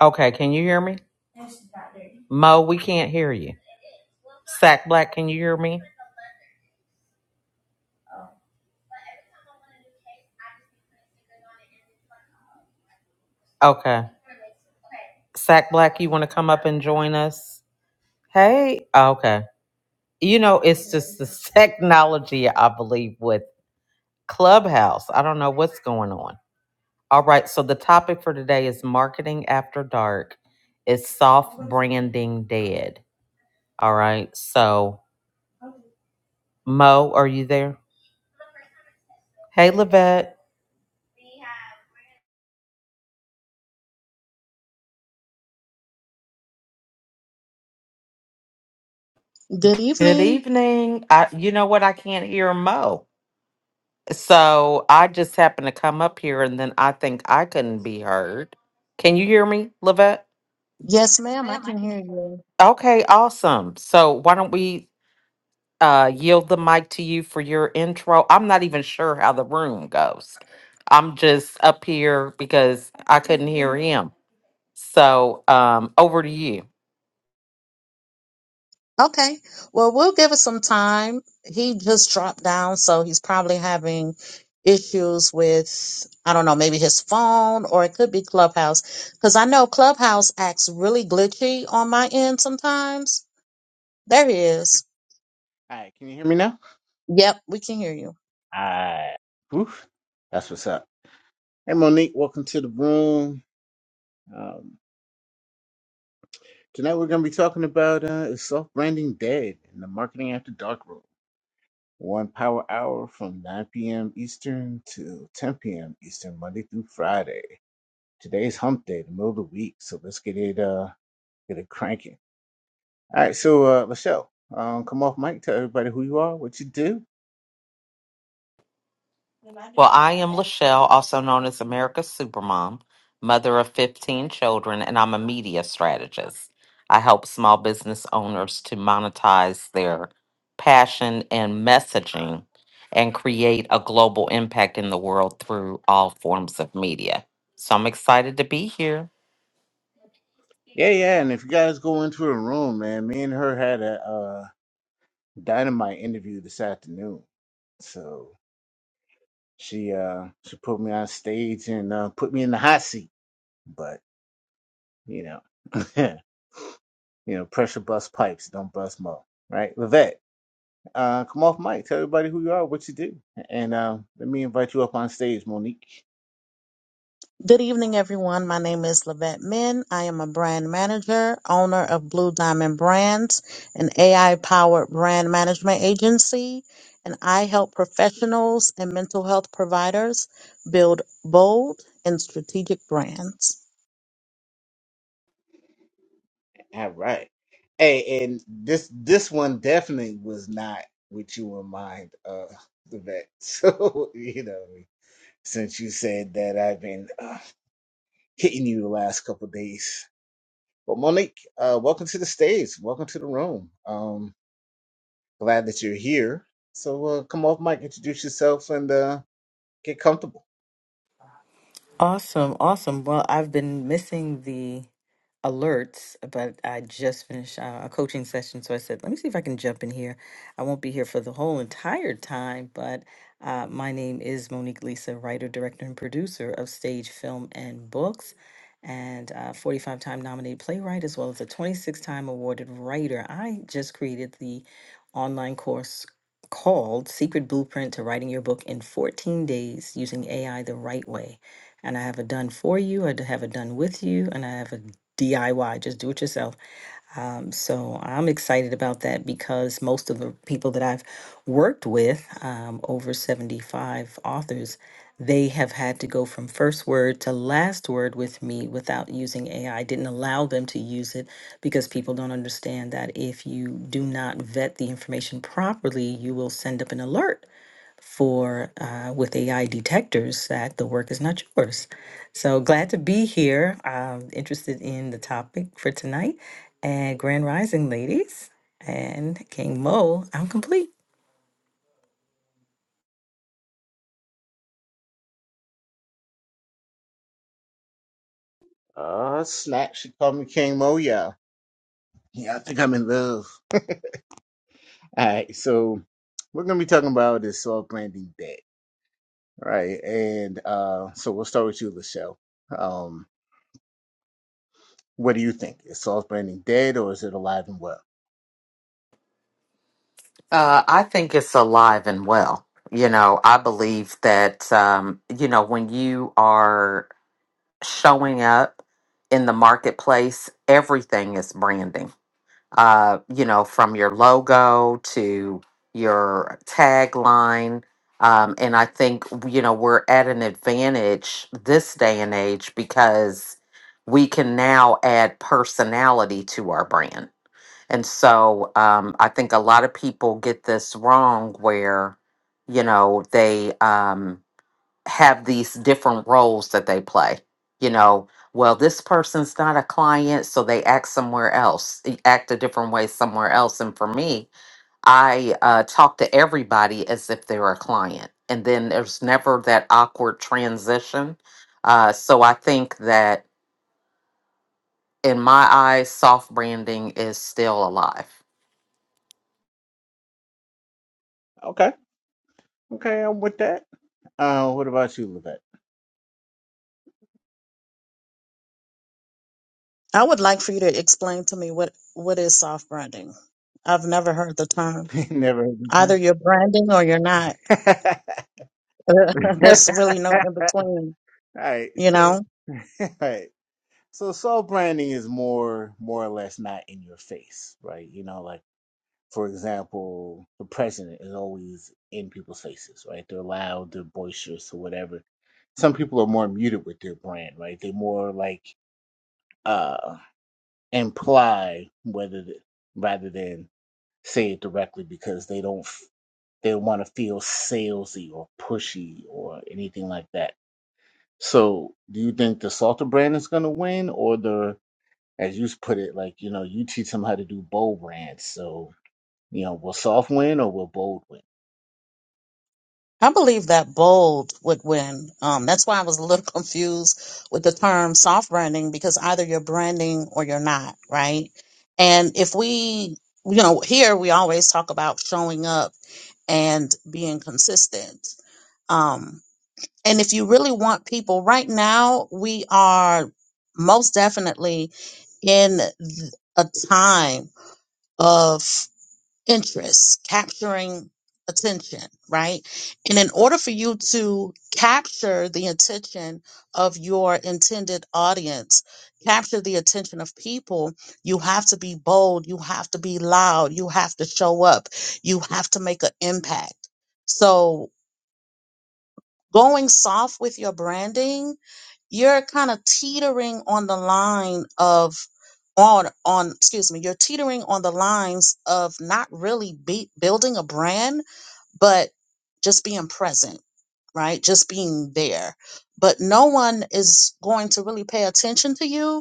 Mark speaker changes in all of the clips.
Speaker 1: Okay, can you hear me? Mo, we can't hear you. Sack Black, can you hear me? Okay. Sack Black, you want to come up and join us? Hey. Okay. You know, it's just the technology, I believe, with Clubhouse. I don't know what's going on. All right. So the topic for today is marketing after dark. Is soft branding dead? All right. So Mo, are you there? Hey, Levette.
Speaker 2: Good
Speaker 1: Good
Speaker 2: evening.
Speaker 1: evening. I, you know what? I can't hear Mo. So I just happened to come up here and then I think I couldn't be heard. Can you hear me, Lavette?
Speaker 2: Yes, ma'am, I can hear you.
Speaker 1: Okay, awesome. So why don't we uh yield the mic to you for your intro? I'm not even sure how the room goes. I'm just up here because I couldn't hear him. So um over to you.
Speaker 2: Okay. Well, we'll give it some time. He just dropped down, so he's probably having issues with, I don't know, maybe his phone or it could be Clubhouse. Because I know Clubhouse acts really glitchy on my end sometimes. There he is.
Speaker 3: All right, can you hear me now?
Speaker 2: Yep, we can hear you.
Speaker 3: All right. Oof, that's what's up. Hey, Monique, welcome to the room. Um, tonight we're going to be talking about uh, is soft branding dead in the marketing after dark room. One power hour from 9 p.m. Eastern to 10 p.m. Eastern, Monday through Friday. Today's hump day, the middle of the week, so let's get it uh get it cranking. All right, so uh, Michelle, um, come off mic, tell everybody who you are, what you do.
Speaker 1: Michelle, also known as America's Supermom, mother of 15 children, and I'm a media strategist. I help small business owners to monetize their passion and messaging and create a global impact in the world through all forms of media. So I'm excited to be here.
Speaker 3: Yeah, yeah, and if you guys go into a room, man, me and her had a uh Dynamite interview this afternoon. So she uh she put me on stage and uh, put me in the hot seat. But you know, you know, pressure bust pipes, don't bust mo. Right, Levette, uh, come off mic, tell everybody who you are, what you do, and uh, let me invite you up on stage, Monique.
Speaker 2: Good evening, everyone. My name is Lavette Min. I am a brand manager, owner of Blue Diamond Brands, an AI powered brand management agency, and I help professionals and mental health providers build bold and strategic brands.
Speaker 3: All right, hey, and this this one definitely was not with you in mind, uh, Levette. So you know, since you said that I've been uh, hitting you the last couple of days. Well, Monique, uh, welcome to the stage. Welcome to the room. Um, glad that you're here. So uh, come off, Mike, introduce yourself and uh, get comfortable.
Speaker 4: Awesome, awesome. Well, I've been missing the alerts, but I just finished uh, a coaching session, so I said, let me see if I can jump in here. I won't be here for the whole entire time, but uh, my name is Monique Lisa, writer, director, and producer of stage, film, and books, and uh, 45 time nominated playwright, as well as a 26 time awarded writer. I just created the online course called Secret Blueprint to Writing Your Book in 14 Days Using AI the Right Way and I have a done for you, I have a done with you, and I have a DIY, just do it yourself. Um, so I'm excited about that because most of the people that I've worked with, um, over 75 authors, they have had to go from first word to last word with me without using AI. didn't allow them to use it because people don't understand that if you do not vet the information properly, you will send up an alert for uh, with AI detectors that the work is not yours. So glad to be here. Um, interested in the topic for tonight and Grand Rising, ladies and King Mo. I'm complete.
Speaker 3: Uh, Snack, she called me King Moya. Yeah, Yeah, I think I'm in love. All right, so we're going to be talking about is soft branding dead, right? And uh, so we'll start with you, Lachelle. Um, what do you think? Is soft branding dead or is it alive and well?
Speaker 1: Uh, I think it's alive and well. You know, I believe that, um, you know, when you are showing up in the marketplace, everything is branding. Uh, you know, from your logo to your tagline. Um, and I think, you know, we're at an advantage this day and age because we can now add personality to our brand. And so um, I think a lot of people get this wrong where, you know, they, um, have these different roles that they play. You know, well, this person's not a client, so they act somewhere else, eh, act a different way somewhere else. And for me, I uh, talk to everybody as if they're a client. And then there's never that awkward transition. Uh, so I think that in my eyes, soft branding is still alive.
Speaker 3: Okay, okay, I'm with that. Uh, what about you, Levette?
Speaker 2: I would like for you to explain to me what, what is soft branding. I've never heard the term.
Speaker 3: Never
Speaker 2: Either
Speaker 3: heard
Speaker 2: you're branding or you're not.
Speaker 3: of her. Right,
Speaker 2: There's really no in between, you
Speaker 3: So
Speaker 2: know?
Speaker 3: right, So soft branding is more more or less not in your face, right? You know, like for example, the president is always in people's faces, right? They're loud, they're boisterous or whatever. Some people are more muted with their brand, right? They more like uh imply whether th- rather than say it directly because they don't f- they want to feel salesy or pushy or anything like that So, do you think the Salter brand is going to win, or the, as you put it, like you know, you teach them how to do bold brands. So, you know, will soft win or will bold win?
Speaker 2: I believe that bold would win. Um, that's why I was a little confused with the term soft branding because either you're branding or you're not, right? And if we, you know, here we always talk about showing up and being consistent. Um, and if you really want people right now, we are most definitely in th- a time of interest, capturing attention, right? And in order for you to capture the attention of your intended audience, capture the attention of people, you have to be bold, you have to be loud, you have to show up, you have to make an impact. So, going soft with your branding you're kind of teetering on the line of on on excuse me you're teetering on the lines of not really be, building a brand but just being present right just being there but no one is going to really pay attention to you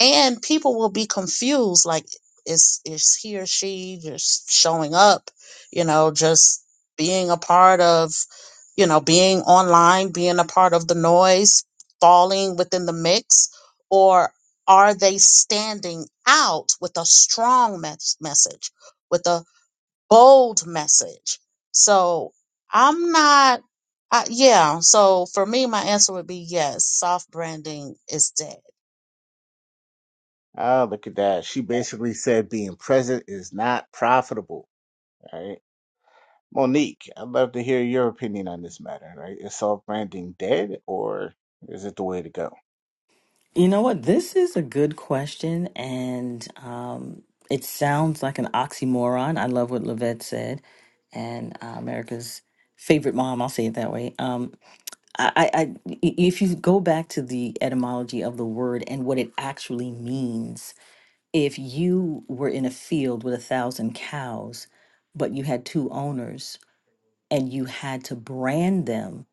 Speaker 2: and people will be confused like is is he or she just showing up you know just being a part of you know being online being a part of the noise falling within the mix or are they standing out with a strong mes- message with a bold message so i'm not I, yeah so for me my answer would be yes soft branding is dead
Speaker 3: Ah, look at that. She basically said being present is not profitable. Right, Monique, I'd love to hear your opinion on this matter. Right, is soft branding dead, or is it the way to go?
Speaker 4: You know what? This is a good question, and um, it sounds like an oxymoron. I love what Lavette said, and uh, America's favorite mom. I'll say it that way. Um, I, I, I- i- if you go back to the etymology of the word and what it actually means, if you were in a field with a thousand cows, but you had two owners and you had to brand them,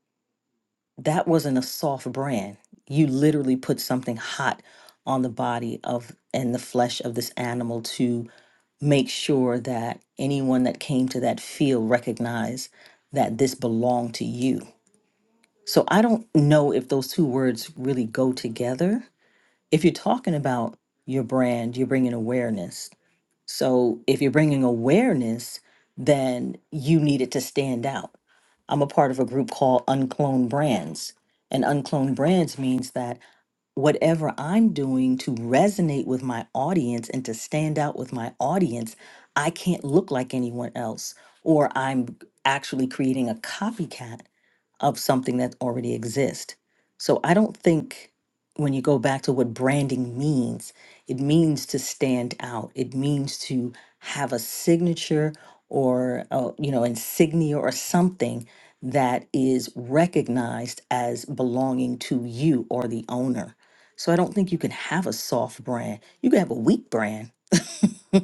Speaker 4: that wasn't a soft brand. You literally put something hot on the body of and the flesh of this animal to make sure that anyone that came to that field recognized that this belonged to you so I don't know if those two words really go together. If you're talking about your brand, you're bringing awareness. So if you're bringing awareness, then you need it to stand out. I'm a part of a group called Uncloned Brands. And Uncloned Brands means that whatever I'm doing to resonate with my audience and to stand out with my audience, I can't look like anyone else, or I'm actually creating a copycat of something that already exists. So I don't think when you go back to what branding means, it means to stand out. It means to have a signature or uh, you know insignia or something that is recognized as belonging to you or the owner. So I don't think you can have a soft brand. You can have a weak brand. you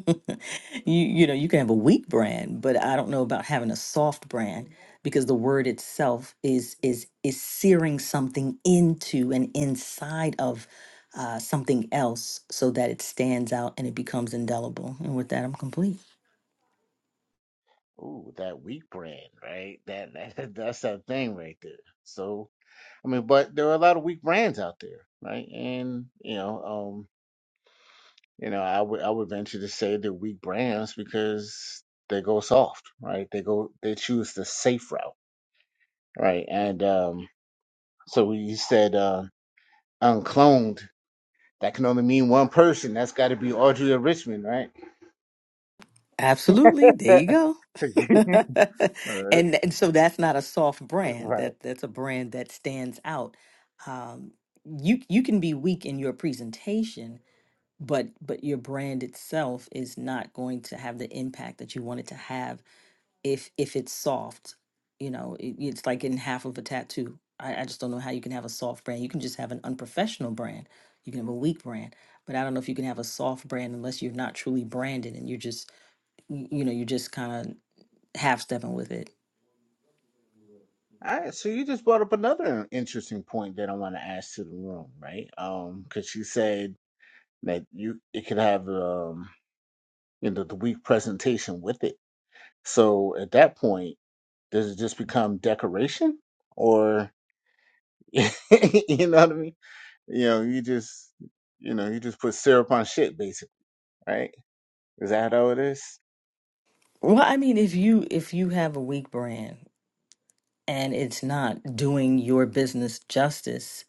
Speaker 4: you know, you can have a weak brand, but I don't know about having a soft brand because the word itself is is is searing something into and inside of uh, something else so that it stands out and it becomes indelible. And with that, I'm complete.
Speaker 3: Ooh, that weak brand, right? That, that that's that thing right there. So, I mean, but there are a lot of weak brands out there, right? And you know, um. You know, I would I would venture to say they're weak brands because they go soft, right? They go they choose the safe route, right? And um, so when you said uh, uncloned, that can only mean one person. That's got to be Audrey or Richmond, right?
Speaker 4: Absolutely. There
Speaker 3: right,
Speaker 4: you go. and and so that's not a soft brand.
Speaker 3: right.
Speaker 4: That that's a brand that stands out. Um, you you can be weak in your presentation, but but your brand itself is not going to have the impact that you want it to have if if it's soft. You know, it, it's like getting half of a tattoo. I, I just don't know how you can have a soft brand. You can just have an unprofessional brand. You can have a weak brand, but I don't know if you can have a soft brand unless you're not truly branded and you're just y- you know you're just kind of half stepping with it
Speaker 3: All right, so you just brought up another interesting point that I want to ask to the room, right? Um, because you said that you it could have um you know the weak presentation with it. So at that point. does it just become decoration or you know what i mean you know you just you know you just put syrup on shit basically right is that how it is
Speaker 4: well i mean if you if you have a weak brand and it's not doing your business justice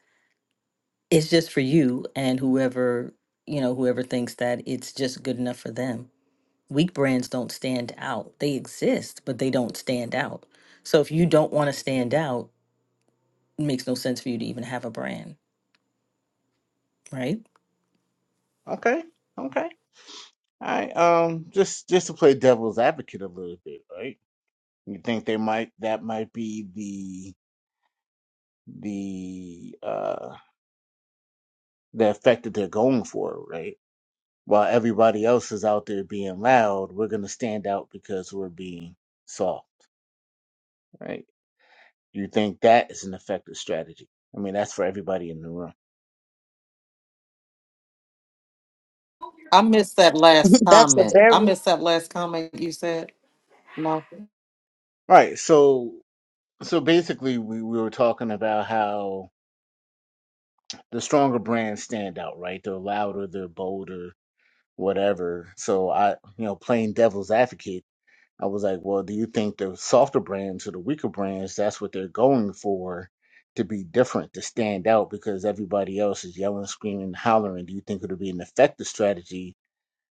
Speaker 4: it's just for you and whoever you know whoever thinks that it's just good enough for them weak brands don't stand out they exist but they don't stand out so if you don't want to stand out it makes no sense for you to even have a brand right
Speaker 3: okay okay all right um just just to play devil's advocate a little bit right you think they might that might be the the uh the effect that they're going for right while everybody else is out there being loud we're gonna stand out because we're being soft right You think that is an effective strategy? I mean, that's for everybody in the room.
Speaker 1: I missed that last
Speaker 2: that's a
Speaker 1: comment. I
Speaker 2: very
Speaker 1: missed that last comment you said,
Speaker 3: All Right. So, so basically, we, we were talking about how the stronger brands stand out, right? They're louder, they're bolder, whatever. So, I, you know, playing devil's advocate, I was like, well, do you think the softer brands or the weaker brands, that's what they're going for to be different, to stand out because everybody else is yelling, screaming, hollering? Do you think it'll be an effective strategy?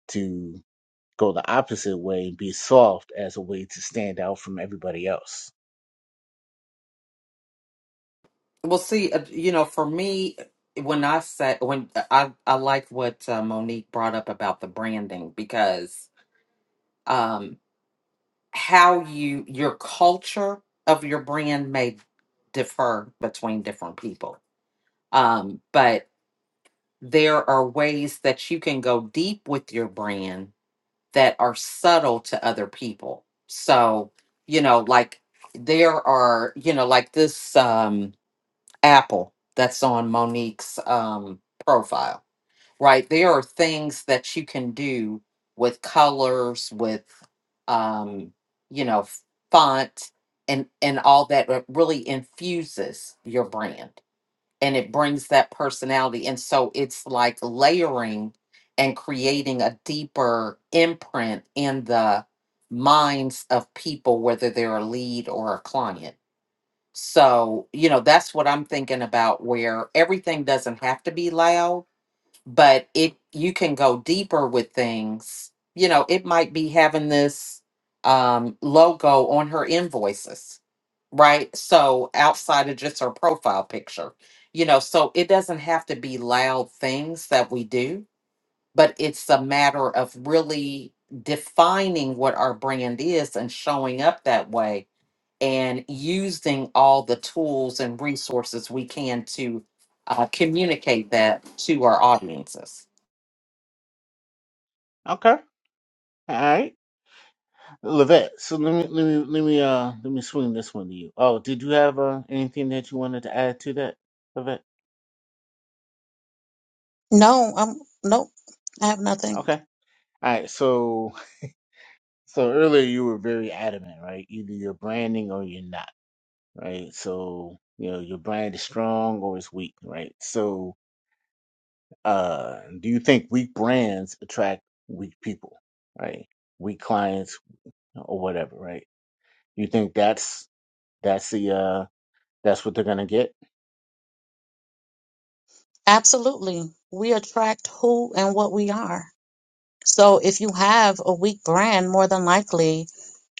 Speaker 3: to? go the opposite way and be soft as a way to stand out from everybody else.
Speaker 1: Well, see, uh, you know, for me, when I say when uh, I I like what uh, Monique brought up about the branding because um how you your culture of your brand may differ between different people. Um, but there are ways that you can go deep with your brand that are subtle to other people. So, you know, like there are, you know, like this Um, apple that's on Monique's um, profile, right? There are things that you can do with colors, with, um, you know, f- font and, and all that that really infuses your brand and it brings that personality. And so it's like layering and creating a deeper imprint in the minds of people, whether they're a lead or a client so, you know, that's what I'm thinking about where everything doesn't have to be loud, but it you can go deeper with things. You know, it might be having this um logo on her invoices, right? So, outside of just her profile picture. You know, so it doesn't have to be loud things that we do, but it's a matter of really defining what our brand is and showing up that way and using all the tools and resources we can to uh, communicate that to our audiences.
Speaker 3: Okay. All right. Levette, so let me let me let me uh let me swing this one to you. Oh, did you have uh, anything that you wanted to add to that, Levette?
Speaker 2: No, I'm nope. I have nothing.
Speaker 3: Okay. All right. So so earlier you were very adamant, right? Either you're branding or you're not, right? So you know your brand is strong or it's weak, right? So uh do you think weak brands attract weak people, right? Weak clients or whatever, right? You think that's that's the uh that's what they're gonna get?
Speaker 2: Absolutely. We attract who and what we are. So if you have a weak brand, more than likely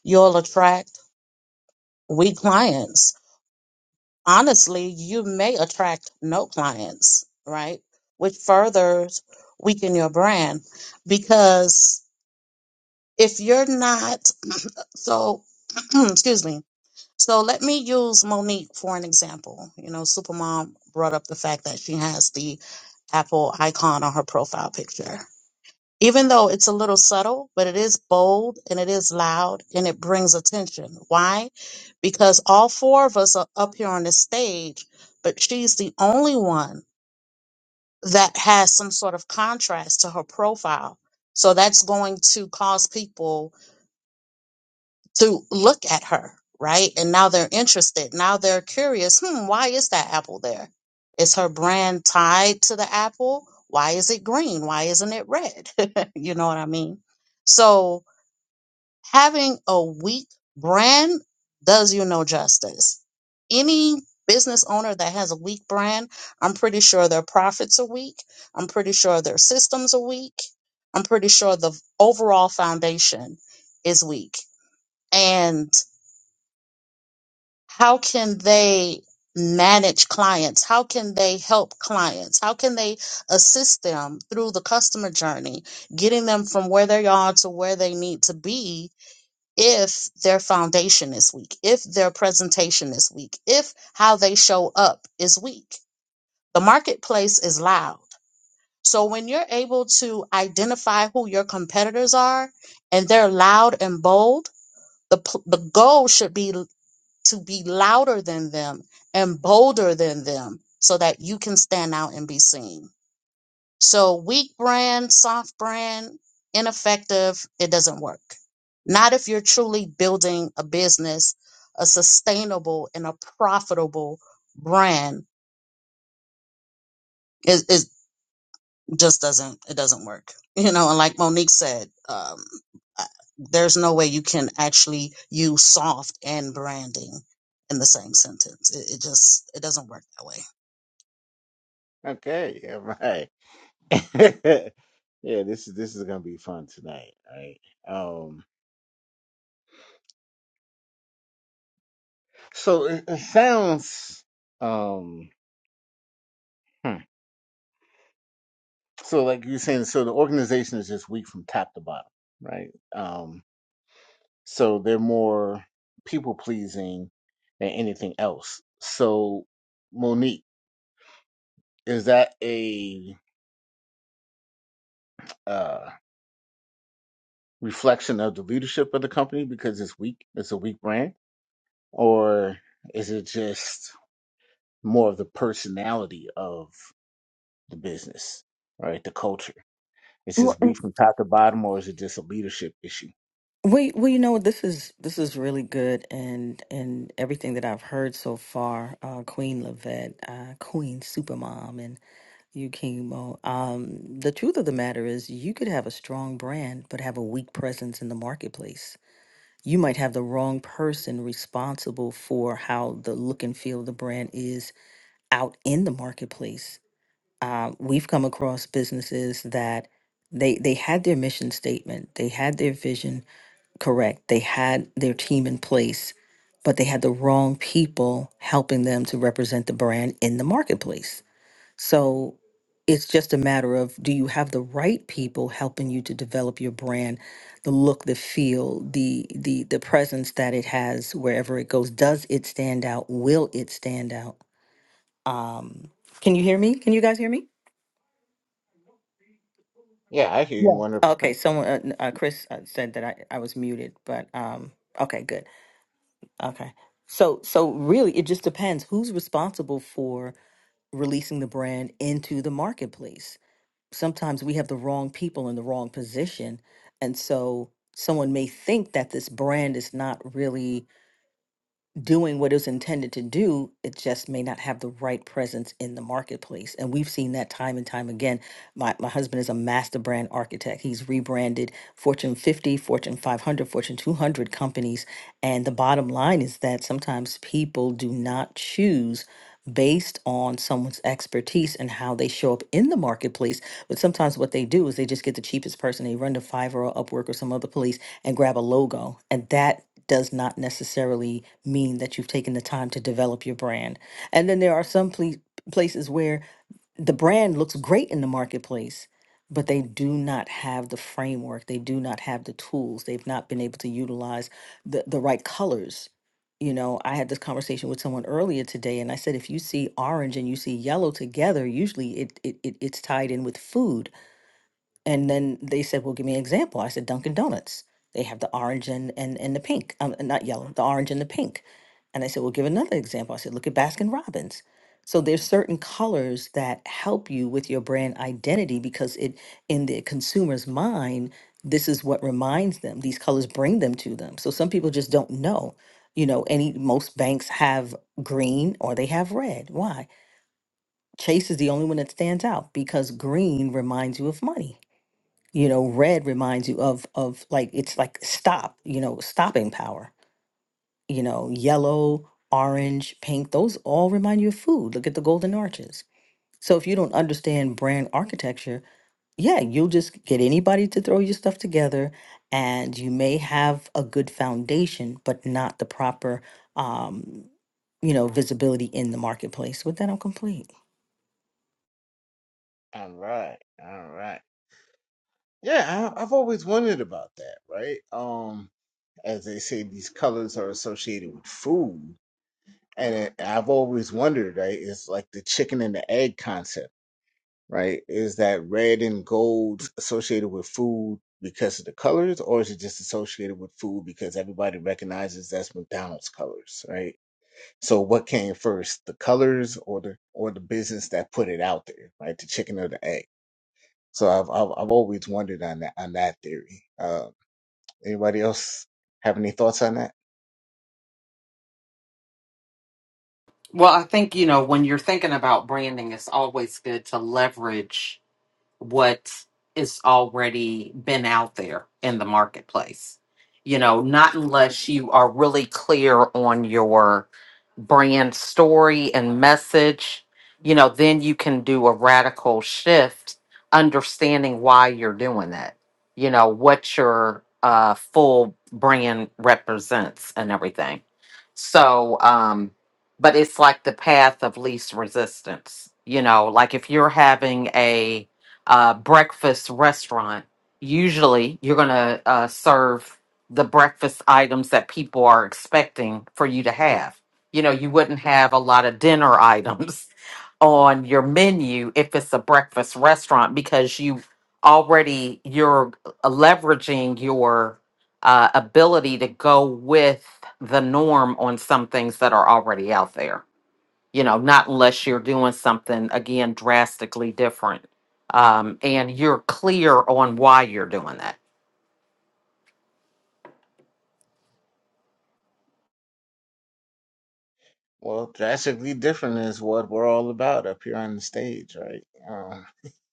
Speaker 2: you'll attract weak clients. Honestly, you may attract no clients, right? Which further weaken your brand because if you're not so excuse me. So let me use Monique for an example. You know, Supermom brought up the fact that she has the Apple icon on her profile picture. Even though it's a little subtle, but it is bold and it is loud and it brings attention. Why? Because all four of us are up here on the stage, but she's the only one that has some sort of contrast to her profile. So that's going to cause people to look at her, right? And now they're interested. Now they're curious. Hmm, why is that apple there? Is her brand tied to the apple? Why is it green? Why isn't it red? you know what I mean? So having a weak brand does you no justice. Any business owner that has a weak brand, I'm pretty sure their profits are weak. I'm pretty sure their systems are weak. I'm pretty sure the overall foundation is weak. And how can they manage clients? How can they help clients? How can they assist them through the customer journey, getting them from where they are to where they need to be if their foundation is weak, if their presentation is weak, if how they show up is weak? The marketplace is loud. So when you're able to identify who your competitors are and they're loud and bold, the, pl- the goal should be to be louder than them and bolder than them so that you can stand out and be seen. So, weak brand, soft brand, ineffective, it doesn't work. Not if you're truly building a business, a sustainable and a profitable brand. It, it just doesn't, it doesn't work. You know, and like Monique said, um, uh, there's no way you can actually use soft and branding in the same sentence. It, it just, it doesn't work that way.
Speaker 3: Okay, all right. yeah, this is this is gonna be fun tonight, right? Um, so it, it sounds um hmm. so like you're saying, so the organization is just weak from top to bottom, right? Um, so they're more people pleasing than anything else. So Monique, is that a uh reflection of the leadership of the company because it's weak? It's a weak brand. or is it just more of the personality of the business, right? The culture. It's just weak from top to bottom, or is it just a leadership issue?
Speaker 4: Wait, well, you know, this is this is really good, and and everything that I've heard so far, uh, Queen Levette, uh, Queen Supermom, and you, King Mo. Um, the truth of the matter is, you could have a strong brand but have a weak presence in the marketplace. You might have the wrong person responsible for how the look and feel of the brand is out in the marketplace. Uh, we've come across businesses that they they had their mission statement, they had their vision correct. They had their team in place, but they had the wrong people helping them to represent the brand in the marketplace. So it's just a matter of do you have the right people helping you to develop your brand, the look, the feel, the the the presence that it has wherever it goes. Does it stand out? Will it stand out? Um, can you hear me? Can you guys hear me?
Speaker 3: Yeah, I hear you one hundred
Speaker 4: Okay,
Speaker 3: percent.
Speaker 4: someone, uh, n- uh, Chris uh, said that I, I was muted, but um, okay, good. Okay. So so really it just depends who's responsible for releasing the brand into the marketplace. Sometimes we have the wrong people in the wrong position and so someone may think that this brand is not really doing what it was intended to do, it just may not have the right presence in the marketplace. And we've seen that time and time again. My, my husband is a master brand architect. He's rebranded Fortune 50, Fortune 500, Fortune 200 companies. And the bottom line is that sometimes people do not choose based on someone's expertise and how they show up in the marketplace. But sometimes what they do is they just get the cheapest person, they run to Fiverr or Upwork or some other place and grab a logo. And that does not necessarily mean that you've taken the time to develop your brand. And then there are some ple- places where the brand looks great in the marketplace, but they do not have the framework, they do not have the tools, they've not been able to utilize the, the right colors. You know, I had this conversation with someone earlier today, and I said, if you see orange and you see yellow together, usually it, it, it it's tied in with food and then they said, "Well, give me an example." I said, "Dunkin' Donuts. They have the orange and and, and the pink. Um, not yellow, the orange and the pink." And I said, "Well, give another example." I said, "Look at Baskin Robbins." So there's certain colors that help you with your brand identity because it in the consumer's mind, this is what reminds them. These colors bring them to them. So some people just don't know. You know, any most banks have green or they have red. Why? Chase is the only one that stands out because green reminds you of money you know red reminds you of of like it's like stop you know stopping power you know yellow orange pink those all remind you of food look at the golden arches so if you don't understand brand architecture yeah you'll just get anybody to throw your stuff together and you may have a good foundation but not the proper um you know visibility in the marketplace with that i'm complete
Speaker 3: All right, all right. Yeah, I, I've always wondered about that, right? Um, as they say, these colors are associated with food, and it, I've always wondered, right? It's like the chicken and the egg concept right? Is that red and gold associated with food because of the colors, or is it just associated with food because everybody recognizes that's McDonald's colors, right? So what came first, the colors or the or the business that put it out there, right? The chicken or the egg. So I've I've, I've always wondered on that on that theory. Uh, anybody else have any thoughts on that?
Speaker 1: Well, I think, you know, when you're thinking about branding, it's always good to leverage what is already been out there in the marketplace. You know, not unless you are really clear on your brand story and message, you know, then you can do a radical shift, understanding why you're doing that, you know, what your uh, full brand represents and everything. So, um, but it's like the path of least resistance, you know, like if you're having a, uh, breakfast restaurant, usually you're going to uh, serve the breakfast items that people are expecting for you to have. You know, you wouldn't have a lot of dinner items on your menu if it's a breakfast restaurant because you already you're leveraging your uh, ability to go with the norm on some things that are already out there you know, not unless you're doing something again drastically different. Um, and you're clear on why you're doing that.
Speaker 3: Well, drastically different is what we're all about up here on the stage, right?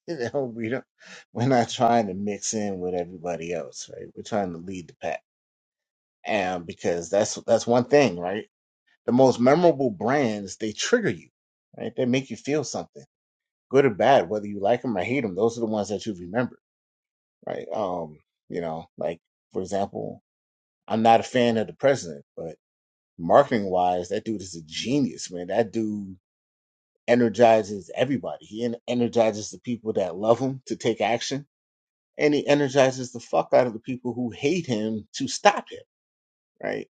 Speaker 3: You know, we don't, we're not trying to mix in with everybody else, right? We're trying to lead the pack, and because that's that's one thing, right? The most memorable brands they trigger you, right? They make you feel something, good or bad, whether you like them or hate them. Those are the ones that you remember, right? Um, you know, like for example, I'm not a fan of the president, but marketing wise, that dude is a genius, man. That dude energizes everybody. He en- energizes the people that love him to take action and he energizes the fuck out of the people who hate him to stop him, right?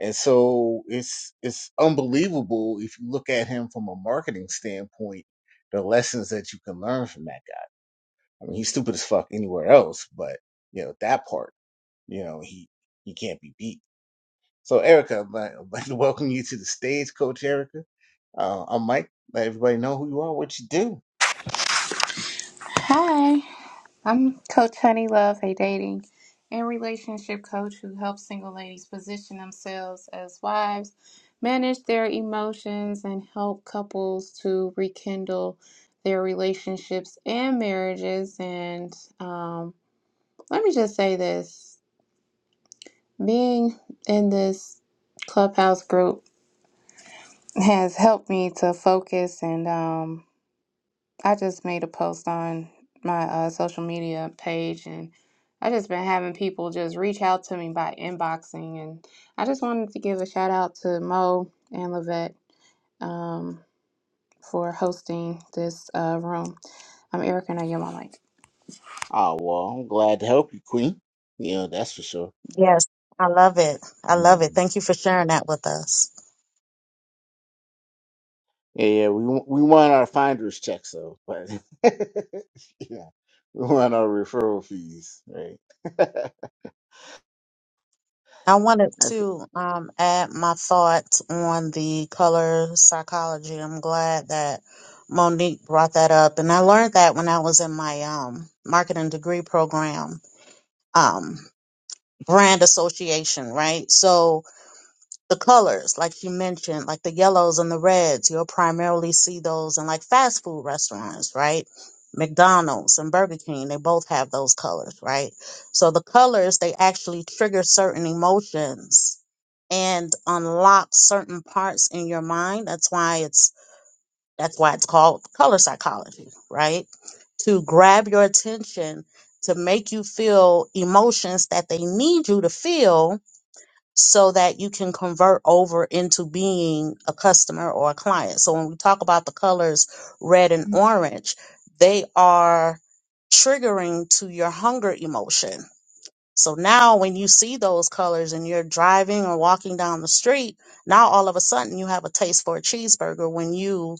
Speaker 3: And so it's it's unbelievable if you look at him from a marketing standpoint, the lessons that you can learn from that guy. I mean, he's stupid as fuck anywhere else, but you know that part, you know, he he can't be beat. So Erica, I'd like, I'd like to welcome you to the stage, Coach Erica. Uh, I'm Mike. Let everybody know who you are, what you do.
Speaker 5: Hi, I'm Coach Honey Love, a dating and relationship coach who helps single ladies position themselves as wives, manage their emotions, and help couples to rekindle their relationships and marriages. And um, let me just say this being in this clubhouse group has helped me to focus and, um, I just made a post on my uh, social media page, and I just been having people just reach out to me by inboxing, and I just wanted to give a shout out to Mo and Lavette um, for hosting this uh, room. I'm Erica, and I yield my mic.
Speaker 3: Oh well, I'm glad to help you, Queen. You know that's for sure.
Speaker 2: Yes, I love it. I love it. Thank you for sharing that with us.
Speaker 3: Yeah, yeah, we w- we want our finder's checks though, but yeah, we want our referral fees, right? That's-
Speaker 2: I wanted to um, add my thoughts on the color psychology. I'm glad that Monique brought that up, and I learned that when I was in my um, marketing degree program, um, brand association. Right, so the colors, like you mentioned, like the yellows and the reds, you'll primarily see those in like fast food restaurants, right? McDonald's and Burger King, they both have those colors, right? So the colors, they actually trigger certain emotions and unlock certain parts in your mind. That's why it's that's why it's called color psychology, right? To grab your attention, to make you feel emotions that they need you to feel so that you can convert over into being a customer or a client. So when we talk about the colors red and orange, they are triggering to your hunger emotion. So now when you see those colors and you're driving or walking down the street, now all of a sudden you have a taste for a cheeseburger when you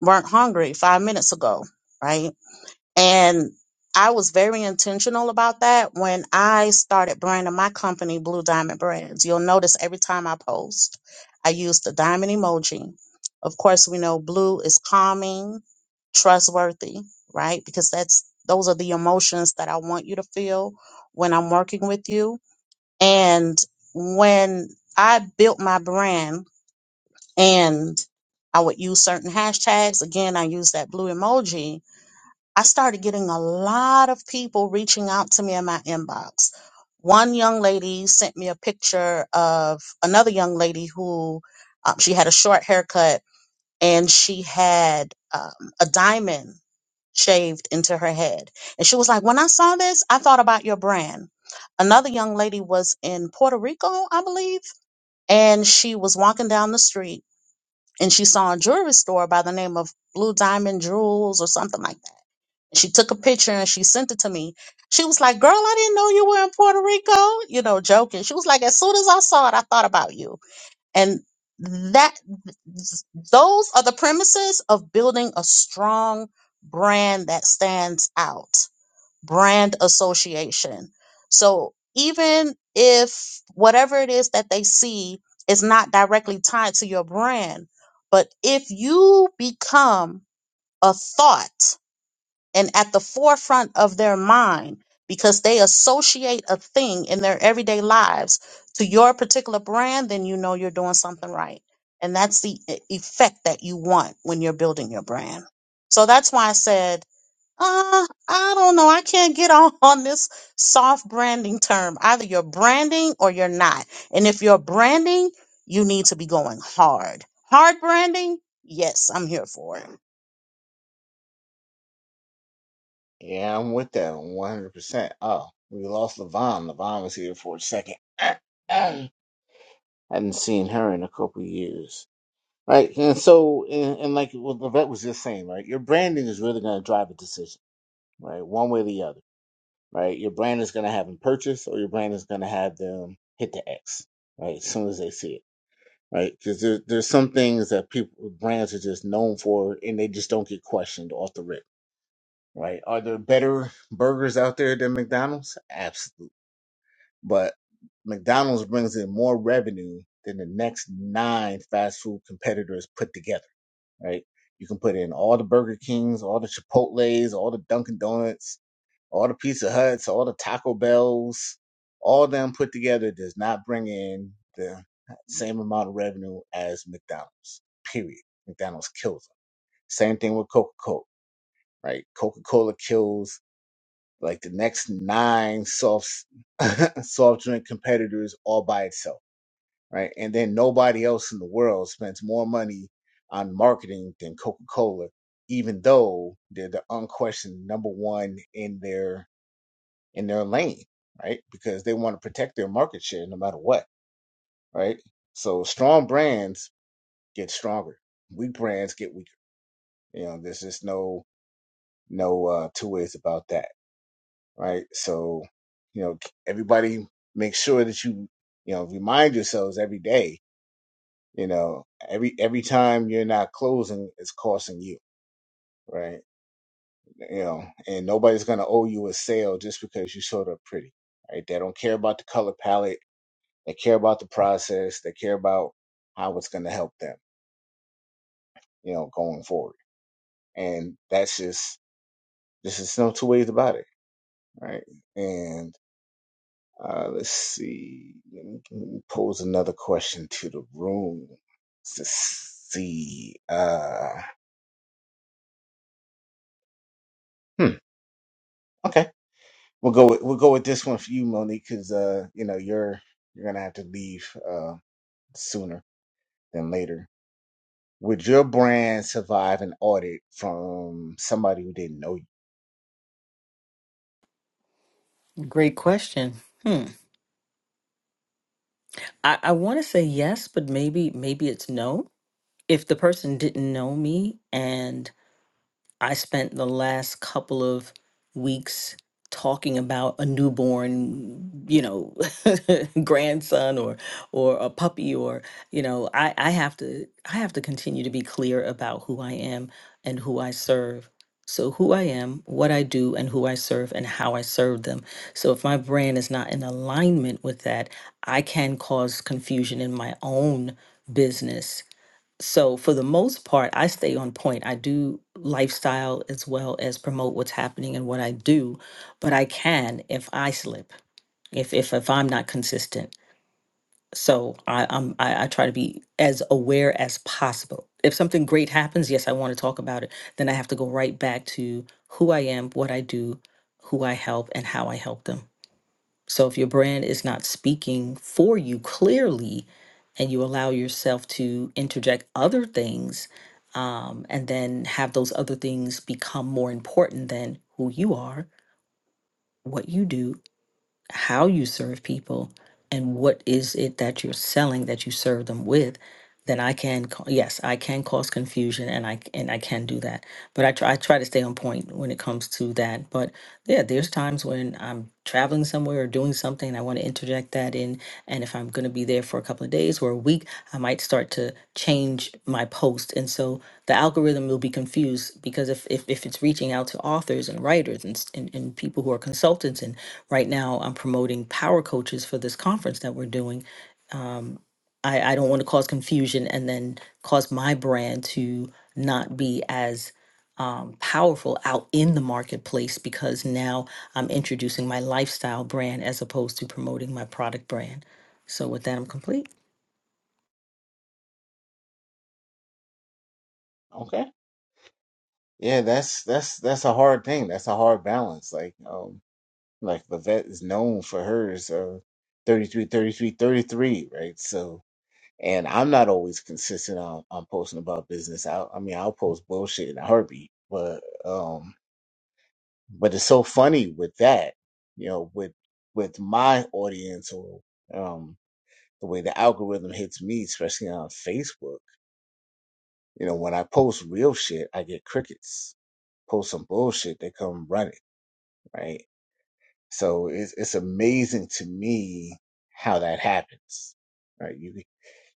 Speaker 2: weren't hungry 5 minutes ago, right? And I was very intentional about that when I started branding my company, Blue Diamond Brands. You'll notice every time I post, I use the diamond emoji. Of course, we know blue is calming, trustworthy, right? Because that's those are the emotions that I want you to feel when I'm working with you. And when I built my brand and I would use certain hashtags, again, I use that blue emoji I started getting a lot of people reaching out to me in my inbox. One young lady sent me a picture of another young lady who um, she had a short haircut and she had um, a diamond shaved into her head. And she was like, When I saw this, I thought about your brand. Another young lady was in Puerto Rico, I believe, and she was walking down the street and she saw a jewelry store by the name of Blue Diamond Jewels or something like that she took a picture and she sent it to me. She was like, Girl, I didn't know you were in Puerto Rico, you know, joking. She was like, As soon as I saw it, I thought about you. And that, those are the premises of building a strong brand that stands out, brand association. So even if whatever it is that they see is not directly tied to your brand, but if you become a thought, and at the forefront of their mind because they associate a thing in their everyday lives to your particular brand, then you know you're doing something right. And that's the e- effect that you want when you're building your brand. So that's why I said, uh, I don't know. I can't get on, on this soft branding term. Either you're branding or you're not. And if you're branding, you need to be going hard. Hard branding, yes, I'm here for it.
Speaker 3: yeah, I'm with that 100. percent Oh, we lost Levon. Levon was here for a second. I hadn't seen her in a couple of years, right? And so, and, and like what Levette was just saying, right? Your branding is really going to drive a decision, right? One way or the other, right? Your brand is going to have them purchase, or your brand is going to have them hit the X, right? As soon as they see it right? Because there, there's some things that people brands are just known for, and they just don't get questioned off the rip, right? Are there better burgers out there than McDonald's? Absolutely, but McDonald's brings in more revenue than the next nine fast food competitors put together, right? You can put in all the Burger Kings, all the Chipotle's, all the Dunkin' Donuts, all the Pizza Huts, all the Taco Bells, all them put together does not bring in the same amount of revenue as McDonald's. Period. McDonald's kills them. Same thing with Coca Cola, right? Coca Cola kills like the next nine soft soft drink competitors all by itself, right? And then nobody else in the world spends more money on marketing than Coca Cola, even though they're the unquestioned number one in their in their lane, right? Because they want to protect their market share no matter what, right? So strong brands get stronger, weak brands get weaker. You know, there's just no no uh, two ways about that, right? So, you know, everybody make sure that you you know remind yourselves every day. You know, every every time you're not closing, it's costing you, right? You know, and nobody's gonna owe you a sale just because you showed up pretty, right? They don't care about the color palette They care about the process. They care about how it's going to help them, you know, going forward. And that's just, this is no two ways about it, right? And uh, let's see. Let me, let me pose another question to the room to see. Uh, hmm, okay, we'll go. With, we'll go with this one for you, Monique, because uh, you know you're you're gonna have to leave uh, sooner than later. Would your brand survive an audit from somebody who didn't know you?
Speaker 4: great question hmm i, I want to say yes but maybe maybe it's no if the person didn't know me and I spent the last couple of weeks talking about a newborn, you know, grandson or or a puppy or, you know, I I have to I have to continue to be clear about who I am and who I serve. So who I am, what I do and who I serve and how I serve them. So if my brand is not in alignment with that, I can cause confusion in my own business so for the most part, I stay on point. I do lifestyle as well as promote what's happening and what I do, but I can if I slip, if if if I'm not consistent. So I, I'm I, I try to be as aware as possible. If something great happens, yes, I want to talk about it. Then I have to go right back to who I am, what I do, who I help, and how I help them. So if your brand is not speaking for you clearly, and you allow yourself to interject other things, um, and then have those other things become more important than who you are, what you do, how you serve people, and what is it that you're selling that you serve them with, then I can ca- yes I can cause confusion and I and I can do that. But I try I try to stay on point when it comes to that. But yeah, there's times when I'm traveling somewhere or doing something, and I want to interject that in. And if I'm going to be there for a couple of days or a week, I might start to change my post. And so the algorithm will be confused because if, if, if it's reaching out to authors and writers and, s- and, and people who are consultants, and right now I'm promoting power coaches for this conference that we're doing um, I, I don't want to cause confusion and then cause my brand to not be as um, powerful out in the marketplace because now I'm introducing my lifestyle brand as opposed to promoting my product brand. So, with that, I'm complete.
Speaker 3: Okay Yeah, that's that's that's a hard thing. That's a hard balance. Like um like Levette is known for hers uh 33, 33, 33, right? So and I'm not always consistent on, on posting about business. I I mean I'll post bullshit in a heartbeat, but um but it's so funny with that, you know, with with my audience or um the way the algorithm hits me, especially on Facebook, you know, when I post real shit, I get crickets. Post some bullshit, they come running right? So it's, it's amazing to me how that happens. Right? You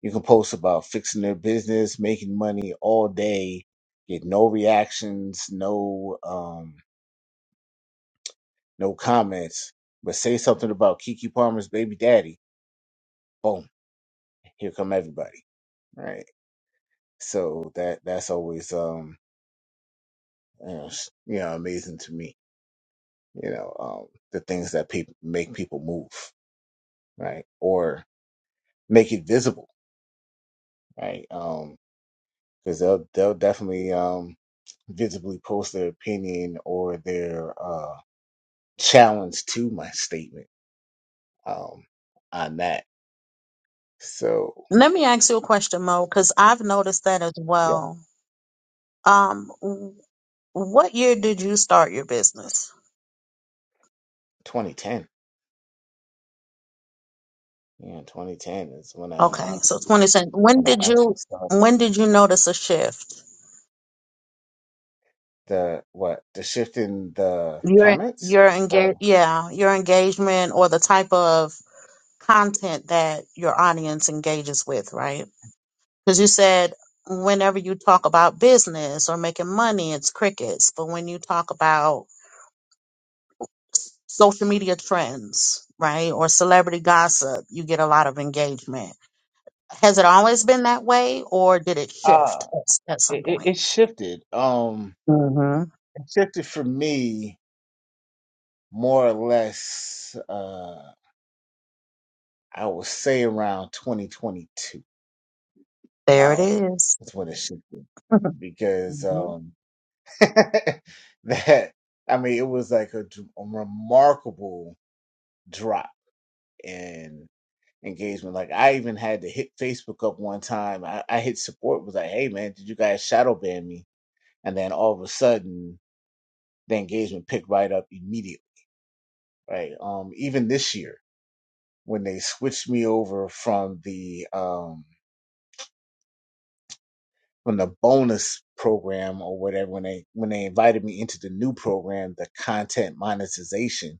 Speaker 3: you can post about fixing their business, making money all day, get no reactions, no um, no comments, but say something about Kiki Palmer's baby daddy. Boom! Here come everybody. Right? So that that's always um you know, s- you know amazing to me. You know um, the things that people make people move right or make it visible right. Um, because they'll they'll definitely um, visibly post their opinion or their uh, challenge to my statement um, on that. So
Speaker 2: Let me ask you a question, Mo, because I've noticed that as
Speaker 3: yeah,
Speaker 2: well. Um, w- what year did you start your business?
Speaker 3: 2010. Yeah, 2010 is when I
Speaker 2: Okay,
Speaker 3: uh,
Speaker 2: so twenty cent. When
Speaker 3: when I
Speaker 2: did
Speaker 3: actually
Speaker 2: you
Speaker 3: started
Speaker 2: when did you notice a shift?
Speaker 3: the what the shift in the
Speaker 2: Your
Speaker 3: comments
Speaker 2: your engage
Speaker 3: or
Speaker 2: yeah, your engagement or the type of content that your audience engages with, right? Because you said whenever you talk about business or making money, it's crickets, but when you talk about social media trends, right? Or celebrity gossip, you get a lot of engagement. Has it always been that way or did it
Speaker 3: uh
Speaker 2: shift at, s- at some
Speaker 3: it, it,
Speaker 2: point?
Speaker 3: it shifted. Um,
Speaker 2: hmm
Speaker 3: it shifted for me more or less. Uh, I would say around 2022.
Speaker 2: There it
Speaker 3: Um,
Speaker 2: is.
Speaker 3: that's when it shifted. because
Speaker 2: Mhm.
Speaker 3: um that I mean it was like a, dr- a remarkable drop in engagement. Like I even had to hit Facebook up one time. I, I hit support was like, "Hey man, did you guys shadow ban me?" And then all of a sudden, the engagement picked right up immediately. Right? Um, even this year when they switched me over from the um from the bonus program or whatever when they when they invited me into the new program the content monetization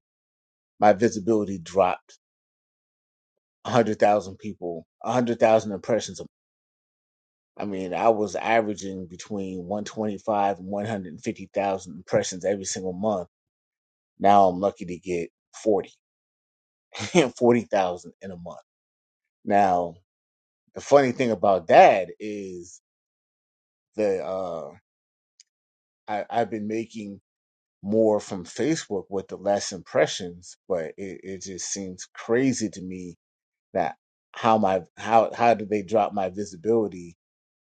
Speaker 3: my visibility dropped 100,000 people, 100,000 impressions. I mean, I was averaging between 125 and 150,000 impressions every single month. Now I'm lucky to get 40, forty thousand in a month. Now, the funny thing about that is that uh, I, I've been making more from Facebook with the less impressions, but it, it just seems crazy to me That how my how how do they drop my visibility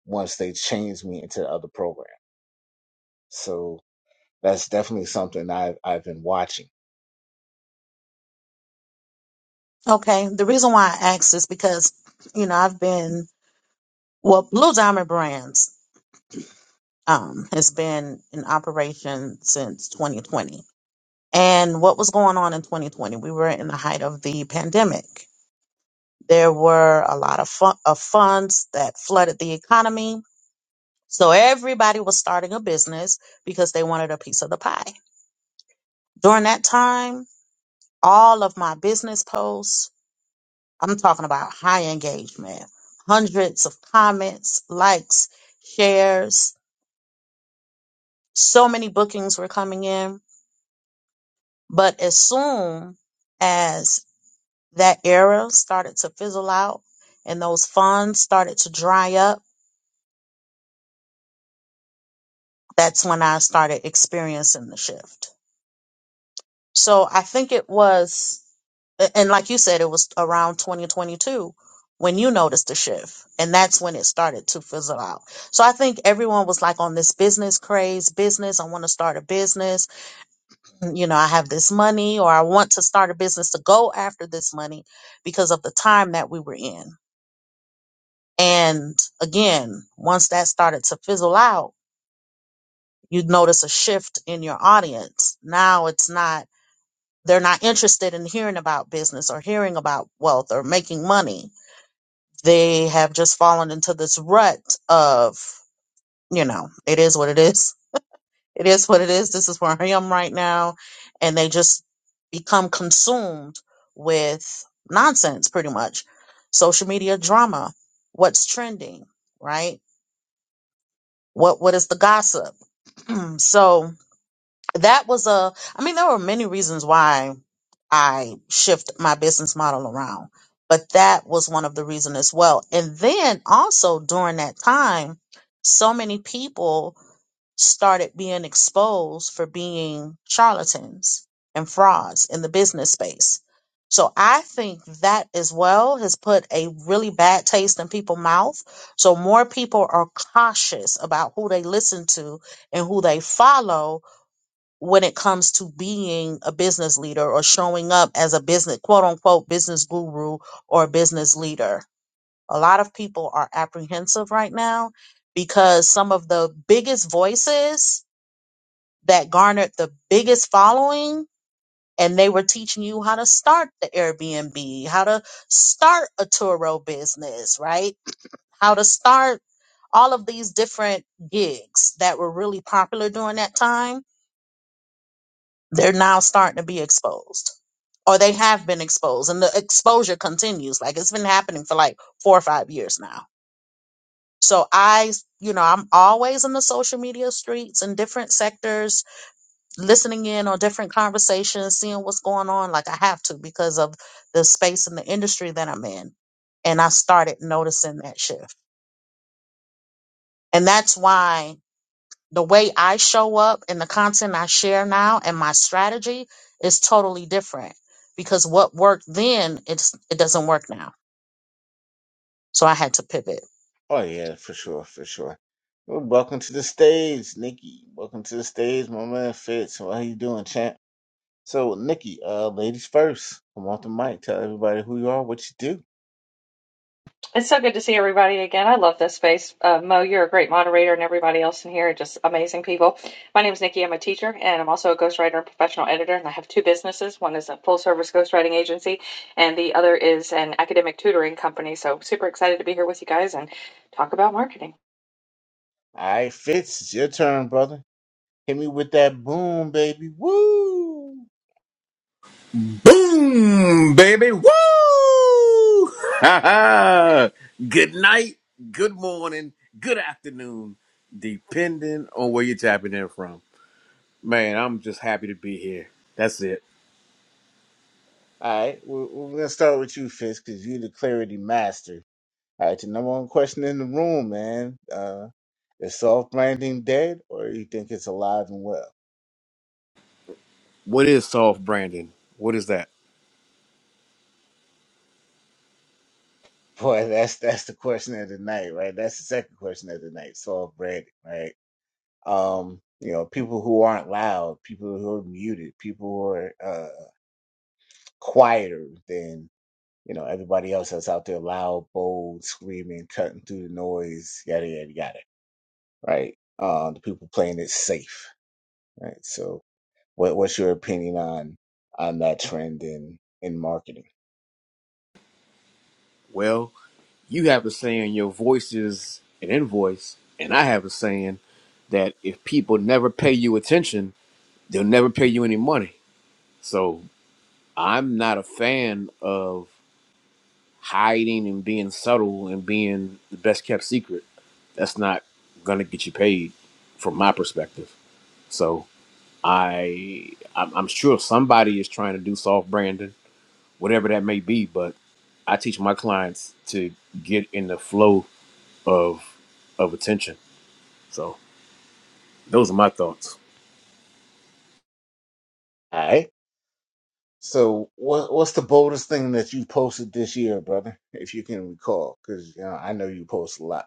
Speaker 3: once they change me into the other program? So that's definitely something I've I've been watching.
Speaker 2: Okay. The reason why I asked is because, you know, I've been, well, Blue Diamond Brands um, has been in operation since 2020. And what was going on in 2020? We were in the height of the pandemic. There were a lot of, fun, of funds that flooded the economy. So everybody was starting a business because they wanted a piece of the pie. During that time, all of my business posts, I'm talking about high engagement, hundreds of comments, likes, shares, so many bookings were coming in. But as soon as that era started to fizzle out and those funds started to dry up, that's when I started experiencing the shift. So I think it was, a- and like you said, it was around 2022 when you noticed the shift, and that's when it started to fizzle out. So I think everyone was like on this business craze, business. I want to start a business. You know, I have this money, or I want to start a business to go after this money because of the time that we were in. And again, once that started to fizzle out, you notice a shift in your audience. Now it's not They're not interested in hearing about business or hearing about wealth or making money. They have just fallen into this rut of, you know, it is what it is. It is what it is. This is where I am right now. And they just become consumed with nonsense pretty much. Social media drama. What's trending, right? What, what is the gossip? so that was a i mean there were many reasons why i shift my business model around but that was one of the reasons as well and then also during that time so many people started being exposed for being charlatans and frauds in the business space so i think that as well has put a really bad taste in people's mouth so more people are cautious about who they listen to and who they follow when it comes to being a business leader or showing up as a business quote unquote business guru or business leader. A lot of people are apprehensive right now because some of the biggest voices that garnered the biggest following and they were teaching you how to start the Airbnb, how to start a Turo business, right? How to start all of these different gigs that were really popular during that time. They're now starting to be exposed or they have been exposed and the exposure continues like it's been happening for like four or five years now so i you know i'm always in the social media streets in different sectors listening in on different conversations seeing what's going on like i have to because of the space and the industry that i'm in and i started noticing that shift and that's why the way i show up and the content i share now and my strategy is totally different because what worked then it's it doesn't work now So I had to pivot.
Speaker 3: Oh yeah, for sure, for sure. Well, welcome to the stage, Nikki. Welcome to the stage, my man Fitz. How you doing, champ? So, Nikki, uh, ladies first. Come off the mic. Tell everybody who you are, what you do.
Speaker 6: It's so good to see everybody again. I love this space. Uh, Mo, you're a great moderator, and everybody else in here are just amazing people. My name is Nikki. I'm a teacher, and I'm also a ghostwriter and professional editor. And I have two businesses. One is a full service ghostwriting agency, and the other is an academic tutoring company. So, super excited to be here with you guys and talk about marketing.
Speaker 3: All right, Fitz, it's your turn, brother. Hit me with that boom, baby. Woo!
Speaker 7: Boom, baby. Woo! Ha ha! good night, good morning, good afternoon, depending on where you're tapping in from. Man, I'm just happy to be here. That's it.
Speaker 3: All right, we're, we're gonna start with you, Fist, because you're the clarity master. All right, the number one question in the room, man. Uh, is soft branding dead, or you think it's alive and well?
Speaker 7: What is soft branding? What is that?
Speaker 3: Boy, that's that's the question of the night, right? That's the second question of the night. Soft branding, right? Um, you know, people who aren't loud, people who are muted, people who are uh, quieter than you know everybody else that's out there, loud, bold, screaming, cutting through the noise, yada yada yada, right? Uh, the people playing it safe Right. So, what what's your opinion on on that trend in in marketing?
Speaker 7: Well, you have a saying your voice is an invoice, and I have a saying that if people never pay you attention, they'll never pay you any money. So I'm not a fan of hiding and being subtle and being the best kept secret, that's not gonna get you paid from my perspective. So I I'm, I'm sure somebody is trying to do soft branding, whatever that may be, but I teach my clients to get in the flow of of attention. So those are my thoughts.
Speaker 3: All right. So, what what's the boldest thing that you posted this year, brother? If you can recall, because you know I know you post a lot.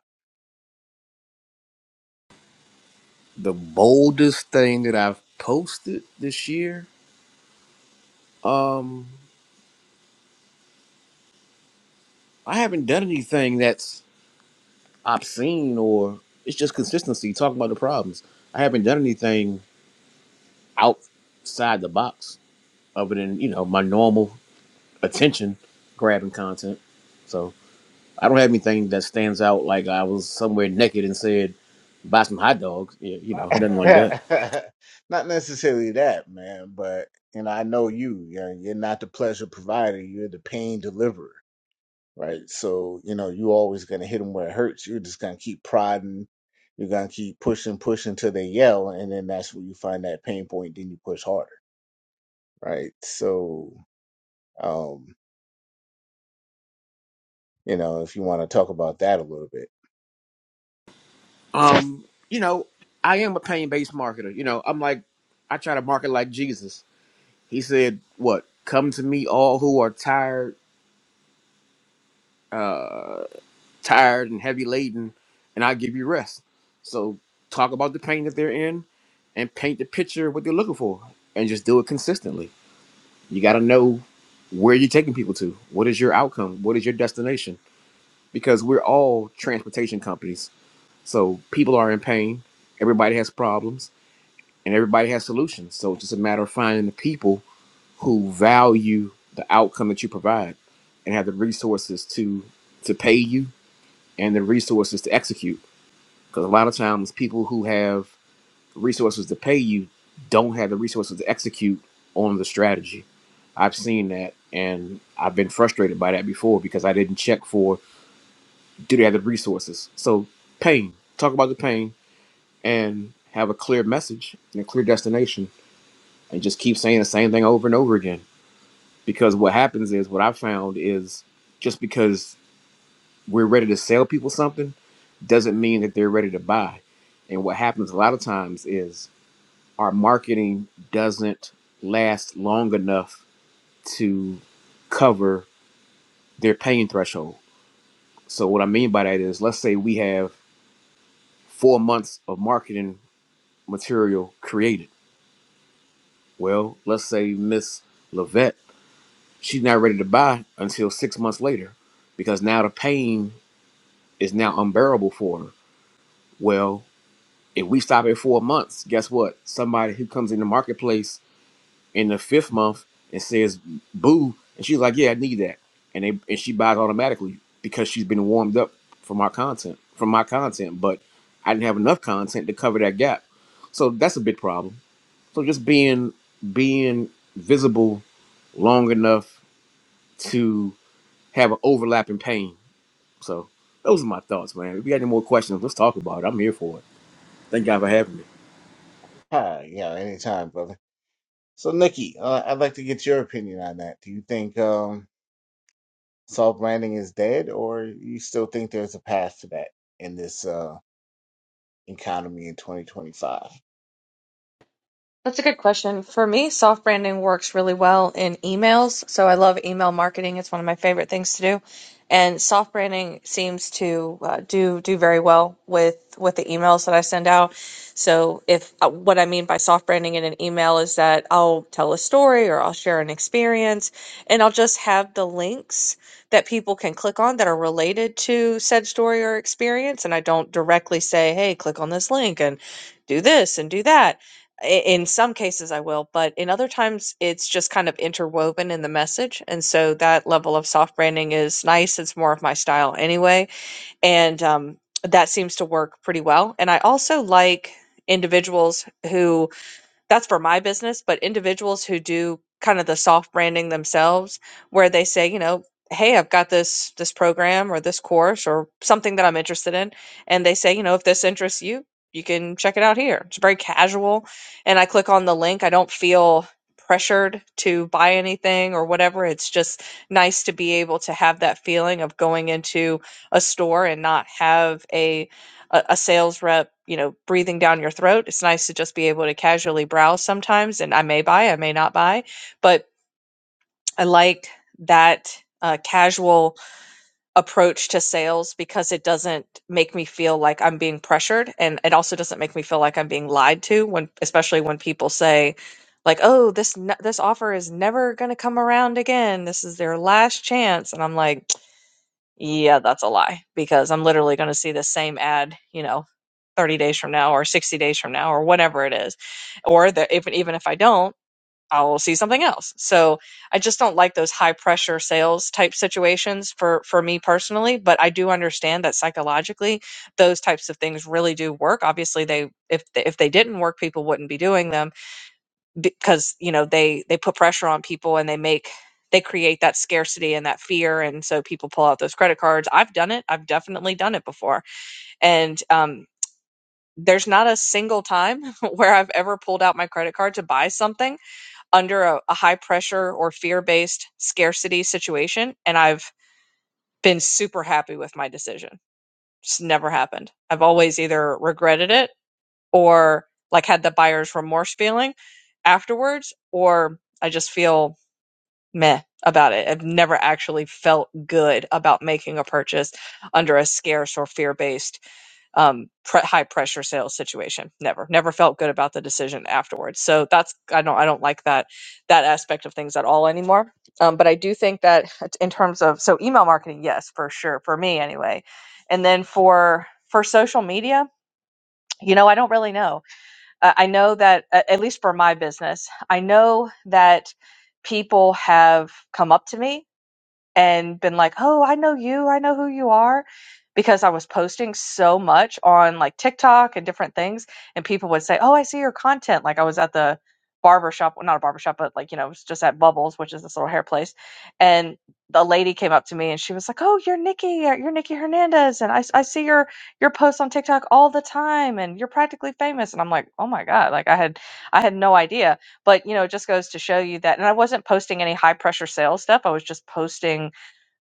Speaker 7: The boldest thing that I've posted this year, um, I haven't done anything that's. obscene or it's just consistency talking about the problems i haven't done anything outside the box other than you know my normal attention grabbing content so i don't have anything that stands out like i was somewhere naked and said buy some hot dogs Yeah, you know nothing like that
Speaker 3: not necessarily that, man, but you know I know you. You know, you're not the pleasure provider. You're the pain deliverer, right? So, you know you always gonna hit them where it hurts. You're just gonna keep prodding. You're gonna keep pushing, pushing till they yell, and then that's where you find that pain point. Then you push harder right? So, um, you know, if you want to talk about that a little bit,
Speaker 7: um you know i am a pain-based marketer you know i'm like i try to market like jesus he said what come to me all who are tired uh, tired and heavy laden, and I give you rest. So talk about the pain that they're in, and paint the picture of what they're looking for, and just do it consistently. You got to know where you're taking people to. What is your outcome? What is your destination? Because we're all transportation companies, so people are in pain. Everybody has problems, and everybody has solutions. So it's just a matter of finding the people who value the outcome that you provide, and have the resources to to pay you and the resources to execute because a lot of times people who have resources to pay you don't have the resources to execute on the strategy. I've seen that and I've been frustrated by that before because I didn't check for do they have the resources. So pain, talk about the pain and have a clear message and a clear destination and just keep saying the same thing over and over again. Because what happens is what I found is just because we're ready to sell people something doesn't mean that they're ready to buy. And what happens a lot of times is our marketing doesn't last long enough to cover their pain threshold. So what I mean by that is let's say we have 4 months of marketing material created. Well, let's say Miss Levette, she's not ready to buy until 6 months later because now the pain is now unbearable for her. Well, if we stop at 4 months, guess what? Somebody who comes in the marketplace in the fifth month and says boo and she's like yeah i need that and they and she buys automatically because she's been warmed up from our content from my content but i didn't have enough content to cover that gap so that's a big problem so just being being visible long enough to have an overlapping pain so those are my thoughts man if you got any more questions let's talk about it i'm here for it thank god for having me
Speaker 3: hi, you know, anytime, brother. So, Nikki, uh, I'd like to get your opinion on that. Do you think um, soft branding is dead, or you still think there's a path to that in this uh, economy in 2025? All
Speaker 6: That's a good question. For me, soft branding works really well in emails. So I love email marketing. It's one of my favorite things to do. And soft branding seems to uh, do do very well with with the emails that I send out. So if uh, what I mean by soft branding in an email is that I'll tell a story or I'll share an experience and I'll just have the links that people can click on that are related to said story or experience and I don't directly say, "Hey, click on this link and do this and do that." I- in some cases I will, but in other times it's just kind of interwoven in the message. And so that level of soft branding is nice. It's more of my style anyway. And um, that seems to work pretty well. And I also like individuals who that's for my business, but individuals who do kind of the soft branding themselves where they say, you know, hey, I've got this this program or this course or something that I'm interested in and they say, you know, if this interests you, you can check it out here. It's very casual and I click on the link. I don't feel pressured to buy anything or whatever. It's just nice to be able to have that feeling of going into a store and not have a a, a sales rep, you know, breathing down your throat. It's nice to just be able to casually browse sometimes, and I may buy, I may not buy, but I like that uh, casual approach to sales because it doesn't make me feel like I'm being pressured, and it also doesn't make me feel like I'm being lied to when, especially when people say. Like oh this n- this offer is never gonna come around again. This is their last chance, and I'm like, yeah, that's a lie because I'm literally going to see the same ad, you know, 30 days from now or 60 days from now or whatever it is. Or the, if, even if I don't, I will see something else. So I just don't like those high pressure sales type situations for, for me personally, but I do understand that psychologically those types of things really do work. Obviously they, if, they- if they didn't work, people wouldn't be doing them because you know they they put pressure on people and they make they create that scarcity and that fear and so people pull out those credit cards i've done it i've definitely done it before and um there's not a single time where I've ever pulled out my credit card to buy something under a, a high pressure or fear based scarcity situation. And I've been super happy with my decision. It's never happened. I've always either regretted it or like had the buyer's remorse feeling afterwards, or I just feel meh about it. I've never actually felt good about making a purchase under a scarce or fear based um, pre- high pressure sales situation. Never, never felt good about the decision afterwards. So that's I don't I don't like that that aspect of things at all anymore. Um, but I do think that it's in terms of so email marketing, yes, for sure, for me anyway. And then for for social media, you know, I don't really know. Uh, I know that, a- at least for my business, I know that people have come up to me and been like, oh, I know you, I know who you are, because I was posting so much on like TikTok and different things, and people would say, oh, I see your content. Like I was at the barbershop, well, not a barbershop, but like you know, it was just at Bubbles, which is this little hair place, and the lady came up to me and she was like, oh, you're Nikki, uh, you're Nikki Hernandez, and I I see your your posts on TikTok all the time, and you're practically famous, and I'm like, oh my god, like I had I had no idea but, you know, it just goes to show you that. And I wasn't posting any high pressure sales stuff. I was just posting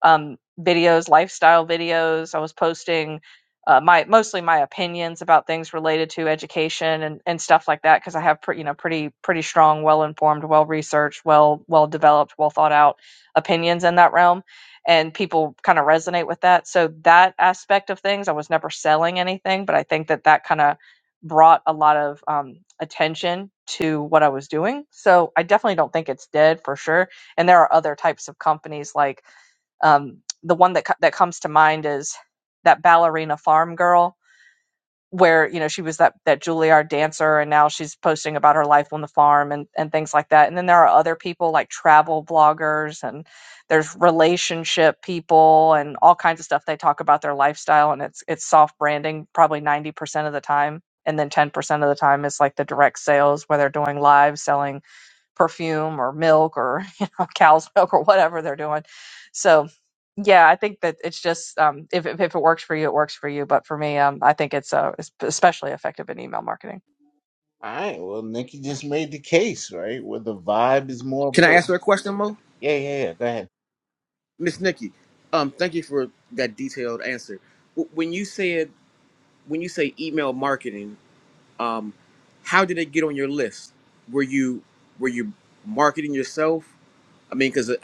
Speaker 6: um, videos, lifestyle videos. I was posting uh, my mostly my opinions about things related to education and, and stuff like that because I have pre- you know pretty pretty strong, well informed, well researched, well well developed, well thought out opinions in that realm, and people kind of resonate with that. So that aspect of things, I was never selling anything, but I think that that kind of brought a lot of um, attention to what I was doing. So I definitely don't think it's dead for sure. And there are other types of companies like um, the one that co- that comes to mind is that ballerina farm girl, where you know she was that that Juilliard dancer, and now she's posting about her life on the farm and and things like that. And then there are other people like travel bloggers, and there's relationship people, and all kinds of stuff. They talk about their lifestyle, and it's it's soft branding probably ninety percent of the time. And then 10% of the time is like the direct sales where they're doing live selling perfume or milk or you know cow's milk or whatever they're doing so yeah i think that it's just um, if, if if it works for you it works for you but for me um, i think it's uh, it's especially effective in email marketing
Speaker 3: right, well, Nikki just made the case, right? Where the vibe is more
Speaker 7: can i ask
Speaker 3: important.
Speaker 7: her a question mo
Speaker 3: Yeah, yeah, yeah. Go ahead.
Speaker 7: Miss Nikki, um, thank you for that detailed answer. W- When you said when you say email marketing, um, how did it get on your list? Were you were you marketing yourself? I mean, because I,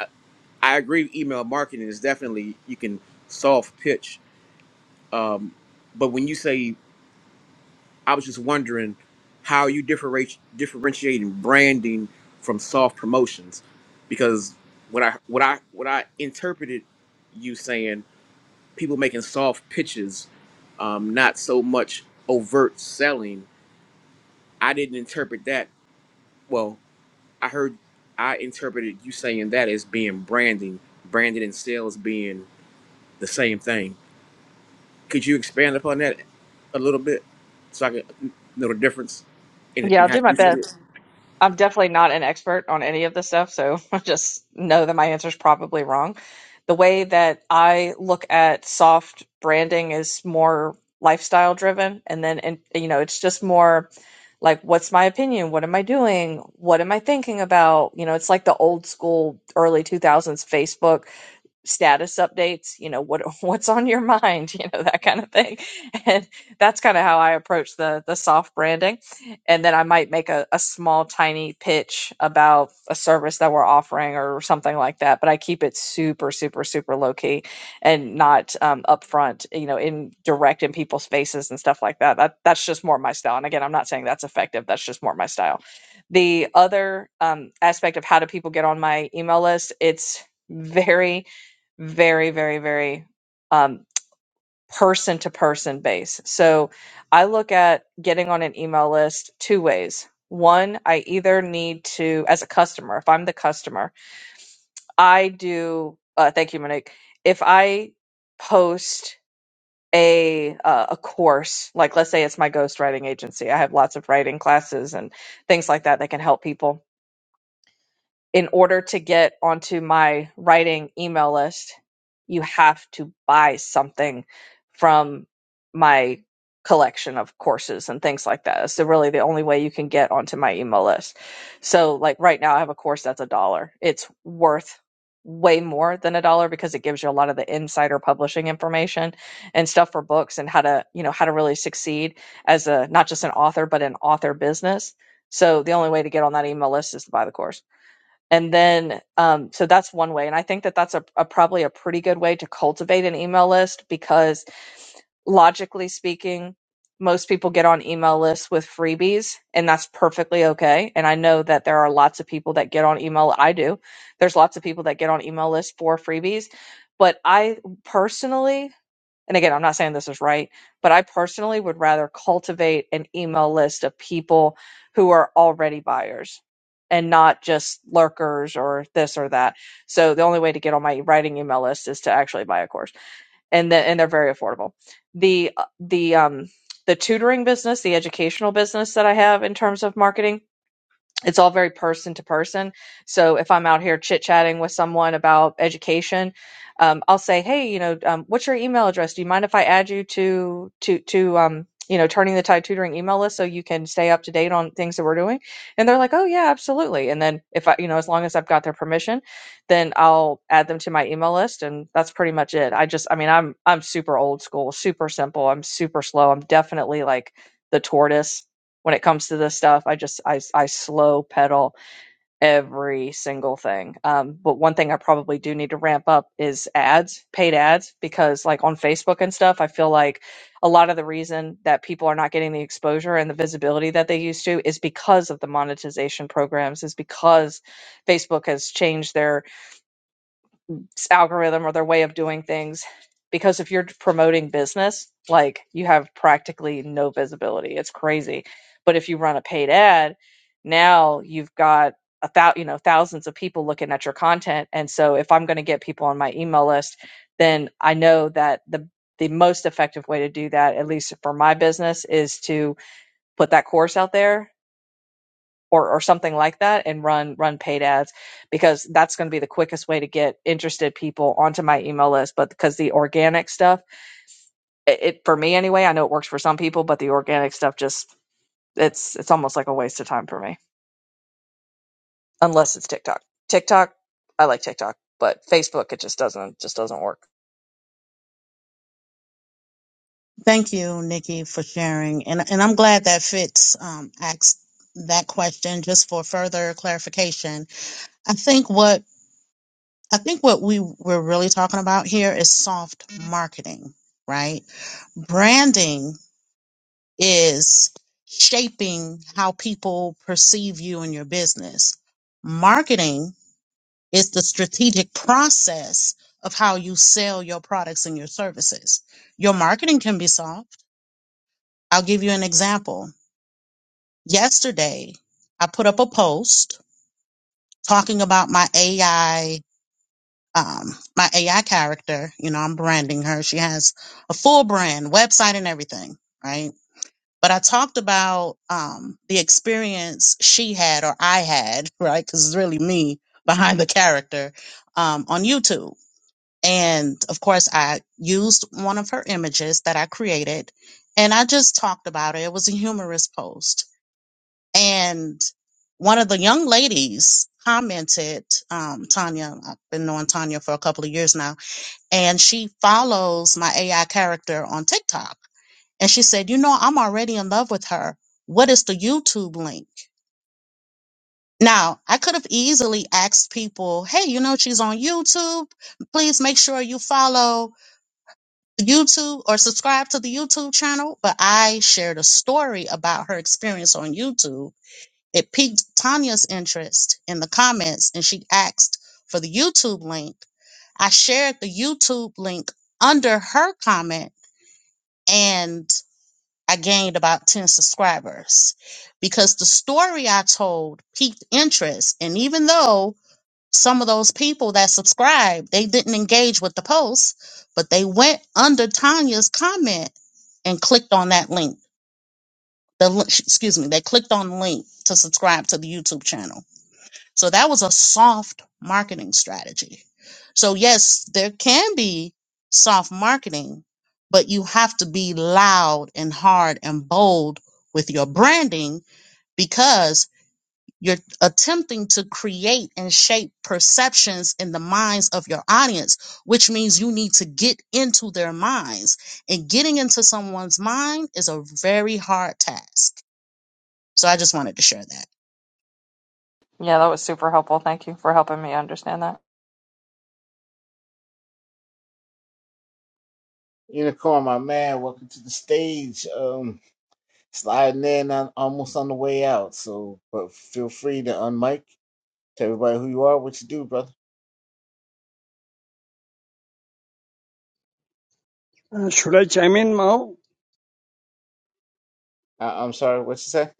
Speaker 7: I agree, email marketing is definitely you can soft pitch. Um, but when you say, I was just wondering how you differentiate differentiating branding from soft promotions, because what I what I what I interpreted you saying. people making soft pitches, um, not so much overt selling. I didn't interpret that. Well, I heard, I interpreted you saying that as being branding, branding and sales being the same thing. Could you expand upon that a little bit so I can know the difference in,
Speaker 6: yeah
Speaker 7: in
Speaker 6: i'll
Speaker 7: how
Speaker 6: do my
Speaker 7: you see
Speaker 6: best
Speaker 7: it?
Speaker 6: I'm definitely not an expert on any of this stuff, so I just know that my answer is probably wrong. The way that I look at soft branding is more lifestyle driven, and then and you know it's just more like what's my opinion, what am I doing, what am I thinking about? You know, it's like the old school early 2000s Facebook status updates you know what what's on your mind you know that kind of thing and that's kind of how i approach the the soft branding and then i might make a, a small tiny pitch about a service that we're offering or something like that but i keep it super super super low key and not um, upfront you know in direct in people's faces and stuff like that. that that's just more my style and again i'm not saying that's effective that's just more my style the other um, aspect of how do people get on my email list it's very very very very um person to person base so i look at getting on an email list two ways one i either need to as a customer if i'm the customer i do uh, thank you monique if i post a uh, a course like let's say it's my ghostwriting agency i have lots of writing classes and things like that that can help people in order to get onto my writing email list, you have to buy something from my collection of courses and things like that. It's the- really the only way you can get onto my email list. So, like right now, I have a course that's a dollar. It's worth way more than a dollar because it gives you a lot of the insider publishing information and stuff for books and how to, you know, how to really succeed as a not just an author, but an author business. So, the only way to get on that email list is to buy the course and then um, so that's one way and i think that that's a, a probably a pretty good way to cultivate an email list because logically speaking most people get on email lists with freebies and that's perfectly okay and i know that there are lots of people that get on email i do there's lots of people that get on email lists for freebies but i personally and again, I'm not saying this is right, but I personally would rather cultivate an email list of people who are already buyers and not just lurkers or this or that. So the only way to get on my writing email list is to actually buy a course. And then and they're very affordable. The uh, the um the tutoring business, the educational business that I have in terms of marketing it's all very person to person. So if I'm out here chit chatting with someone about education, um, I'll say, "Hey, you know, um, what's your email address? Do you mind if I add you to to to um, you know, turning the Tide Tutoring email list so you can stay up to date on things that we're doing?" And they're like, "Oh yeah, absolutely." And then if I, you know, as long as I've got their permission, then I'll add them to my email list, and that's pretty much it. I just, I mean, I'm I'm super old school, super simple. I'm super slow. I'm definitely like the tortoise when it comes to this stuff. I just I I slow pedal every single thing. Um, but one thing I probably do need to ramp up is ads, paid ads, because like on Facebook and stuff, I feel like a lot of the reason that people are not getting the exposure and the visibility that they used to is because of the monetization programs, is because Facebook has changed their s- algorithm or their way of doing things because if you're promoting business like you have practically no visibility it's crazy but if you run a paid ad now you've got a thou you know thousands of people looking at your content and so if i'm going to get people on my email list then i know that the the most effective way to do that at least for my business is to put that course out there or or something like that and run run paid ads because that's going to be the quickest way to get interested people onto my email list but because the organic stuff it, it for me anyway i know it works for some people but the organic stuff just it's it's almost like a waste of time for me unless it's tiktok tiktok i like tiktok but facebook it just doesn't just doesn't work
Speaker 2: Thank you, Nikki, for sharing. And and I'm glad that Fitz um, asked that question just for further clarification. I think what I think what we we're really talking about here is soft marketing, right? Branding is shaping how people perceive you and your business. Marketing It's the strategic process of how you sell your products and your services. Your marketing can be solved. I'll give you an example. Yesterday, I put up a post talking about my AI, um, my AI character. You know, I'm branding her. She has a full brand, website, and everything, right? But I talked about um, the experience she had or I had, right? Because it's really me behind the character um, on YouTube And of course, I used one of her images that I created and I just talked about it. It was a humorous post. And one of the young ladies commented, um, Tanya, I've been knowing Tanya for a couple of years now, and she follows my AI character on TikTok. And she said, You know, I'm already in love with her. What is the YouTube link? Now, I could have easily asked people, Hey, you know, she's on YouTube. Please make sure you follow. YouTube or subscribe to the YouTube channel, but I shared a story about her experience on YouTube. It piqued Tanya's interest in the comments and she asked for the YouTube link. I shared the YouTube link under her comment and I gained about 10 subscribers because the story I told piqued interest. And even though some of those people that subscribed, they didn't engage with the post, but they went under Tanya's comment and clicked on that link. The li- excuse me, they clicked on the link to subscribe to the YouTube channel. So that was a soft marketing strategy. So yes, there can be soft marketing, but you have to be loud and hard and bold with your branding you're attempting to create and shape perceptions in the minds of your audience, which means you need to get into their minds. And getting into someone's mind is a very hard task. So I just wanted to share that.
Speaker 6: yeah that was super helpful thank you for helping me understand that
Speaker 3: Unicorn, my man, welcome to the stage. Um, sliding in on, almost on the way out. So, but feel free to unmic, tell everybody who you are, what you do, brother.
Speaker 8: Uh, should I chime in now?
Speaker 3: I, I'm sorry, what you say?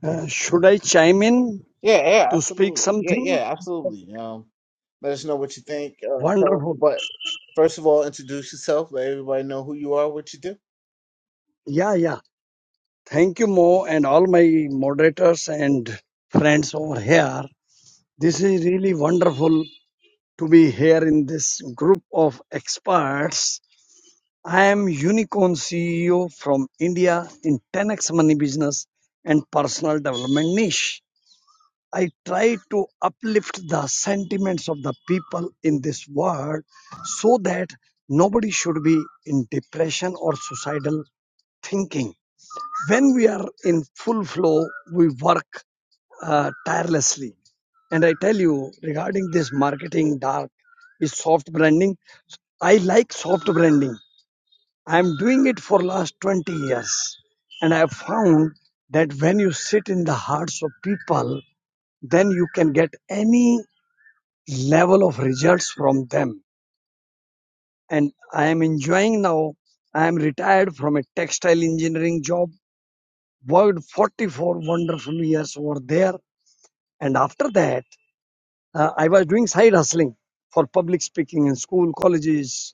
Speaker 8: Uh, should I chime in
Speaker 3: Yeah, yeah,
Speaker 8: to speak
Speaker 3: absolutely. Yeah,
Speaker 8: something?
Speaker 3: yeah, absolutely. Um, let us know what you think. Uh, tell,
Speaker 8: Wonderful.
Speaker 3: but first of all, introduce yourself. Let everybody know who you are, what you do.
Speaker 8: Yeah, yeah. Thank you, Mo, and all my moderators and friends over here. This is really wonderful to be here in this group of experts. I am Unicorn CEO from India in 10x Money Business and Personal Development Niche. I try to uplift the sentiments of the people in this world so that nobody should be in depression or suicidal thinking. When we are in full flow, we work uh, tirelessly. And I tell you, regarding this marketing dark is soft branding, I like soft branding. I am doing it for last 20 years. And I have found that when you sit in the hearts of people, then you can get any level of results from them. And I am enjoying now. I am retired from a textile engineering job, worked 44 wonderful years over there. And after that, uh, I was doing side hustling for public speaking in school, colleges,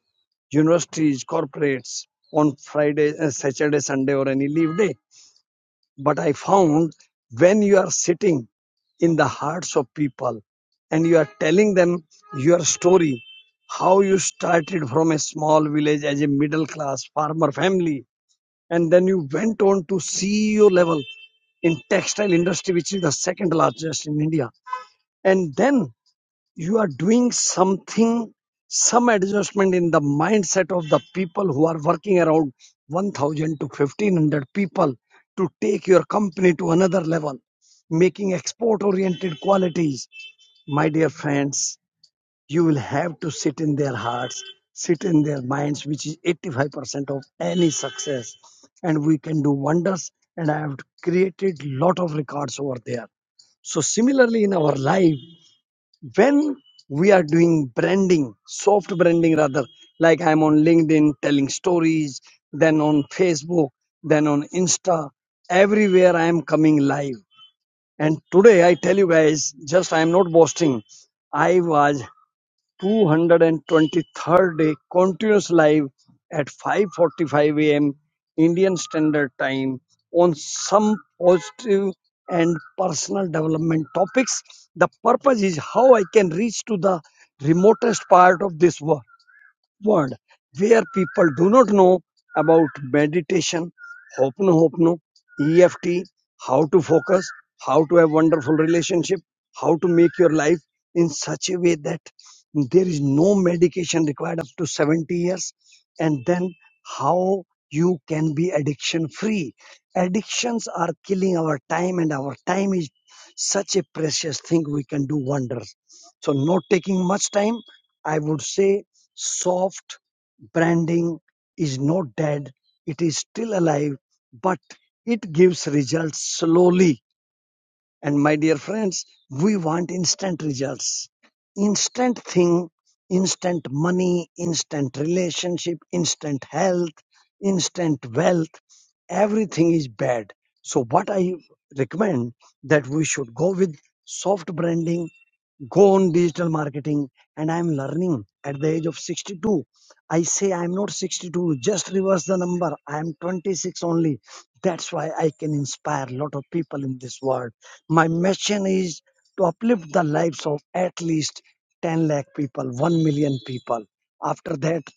Speaker 8: universities, corporates on Friday, uh, Saturday, Sunday, or any leave day. But I found when you are sitting in the hearts of people and you are telling them your story, how you started from a small village as a middle class farmer family, and then you went on to CEO level in textile industry, which is the second largest in India. And then you are doing something, some adjustment in the mindset of the people who are working around 1000 to 1500 people to take your company to another level, making export oriented qualities. My dear friends, you will have to sit in their hearts, sit in their minds, which is 85% of any success. And we can do wonders. And I have created lot of records over there. So similarly in our life, when we are doing branding, soft branding rather, like I'm on LinkedIn telling stories, then on Facebook, then on Insta, everywhere I am coming live. And today I tell you guys, just I am not boasting. I was two hundred and twenty-third day continuous live at 5:45 a.m. Indian Standard Time on some positive and personal development topics. The purpose is how I can reach to the remotest part of this world world where people do not know about meditation, hopno hopno, EFT, how to focus, how to have wonderful relationship, how to make your life in such a way that there is no medication required up to 70 years and then how you can be addiction free. Addictions are killing our time and our time is such a precious thing we can do wonders. So not taking much time, I would say Soft branding is not dead, it is still alive, but it gives results slowly. And my dear friends, we want instant results. Instant thing, instant money, instant relationship, instant health, instant wealth, everything is bad. So what I recommend that we should go with soft branding go on digital marketing and i'm learning at the age of 62 i say i'm not 62 just reverse the number i am 26 only that's why i can inspire a lot of people in this world my mission is to uplift the lives of at least 10 lakh people 1 million people after that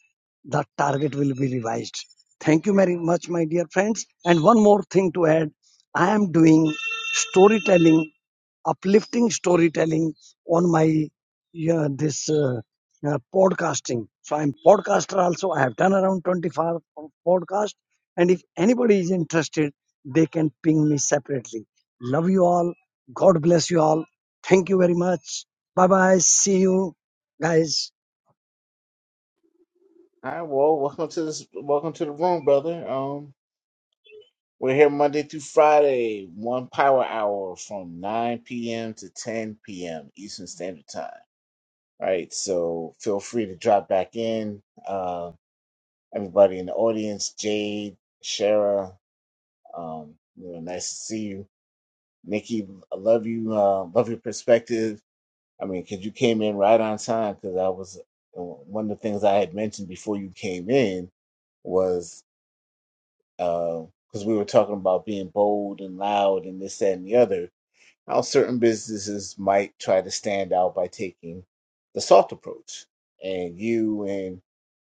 Speaker 8: the target will be revised thank you very much my dear friends and one more thing to add i am doing storytelling uplifting storytelling on my yeah, this uh, uh, podcasting. So I'm podcaster also. I have done around 25 podcast. And if anybody is interested, they can ping me separately. Love you all. God bless you all. Thank you very much. Bye bye. See you guys.
Speaker 3: All right. Well, welcome to this. Welcome to the room, brother. Um, we're here Monday through Friday, one power hour from 9 p.m. to 10 p.m. Eastern Standard Time. All right, so feel free to drop back in. Uh, everybody in the audience, Jade, Shara, um, you know, nice to see you. Nikki, I love you. Uh, love your perspective. I mean, because you came in right on time. Because I was uh, one of the things I had mentioned before you came in was because we were talking about being bold and loud and this, that, and the other. How certain businesses might try to stand out by taking the soft approach, and you and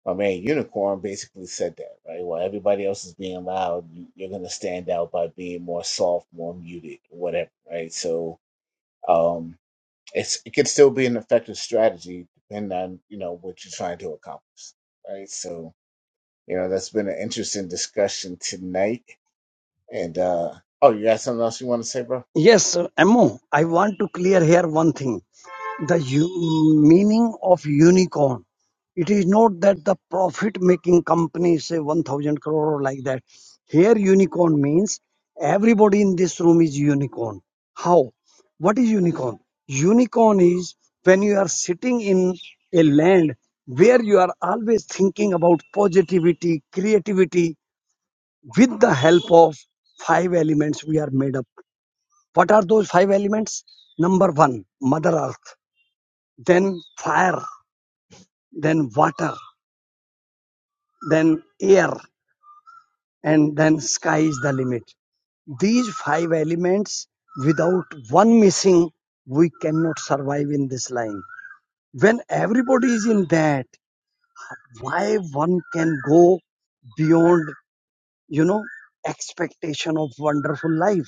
Speaker 3: my man Unicorn basically said that, right? While everybody else is being loud, you- you're going to stand out by being more soft, more muted, whatever, right? So um, it's it could still be an effective strategy depending on you know what you're trying to accomplish, right? So you know that's been an interesting discussion tonight. And uh, oh, you got something else you want to say, bro?
Speaker 8: Yes, uh, Ammo, I want to clear here one thing. the u- meaning of unicorn. It is not that the profit making company say 1000 crore or like that. Here, unicorn means everybody in this room is unicorn. How? What is unicorn? Unicorn is when you are sitting in a land where you are always thinking about positivity, creativity with the help of five elements we are made up. What are those five elements? Number one, Mother Earth, then fire then water, then air, and then sky is the limit. These five elements, without one missing, we cannot survive in this line. When everybody is in that, why one can go beyond, you know, expectation of wonderful life?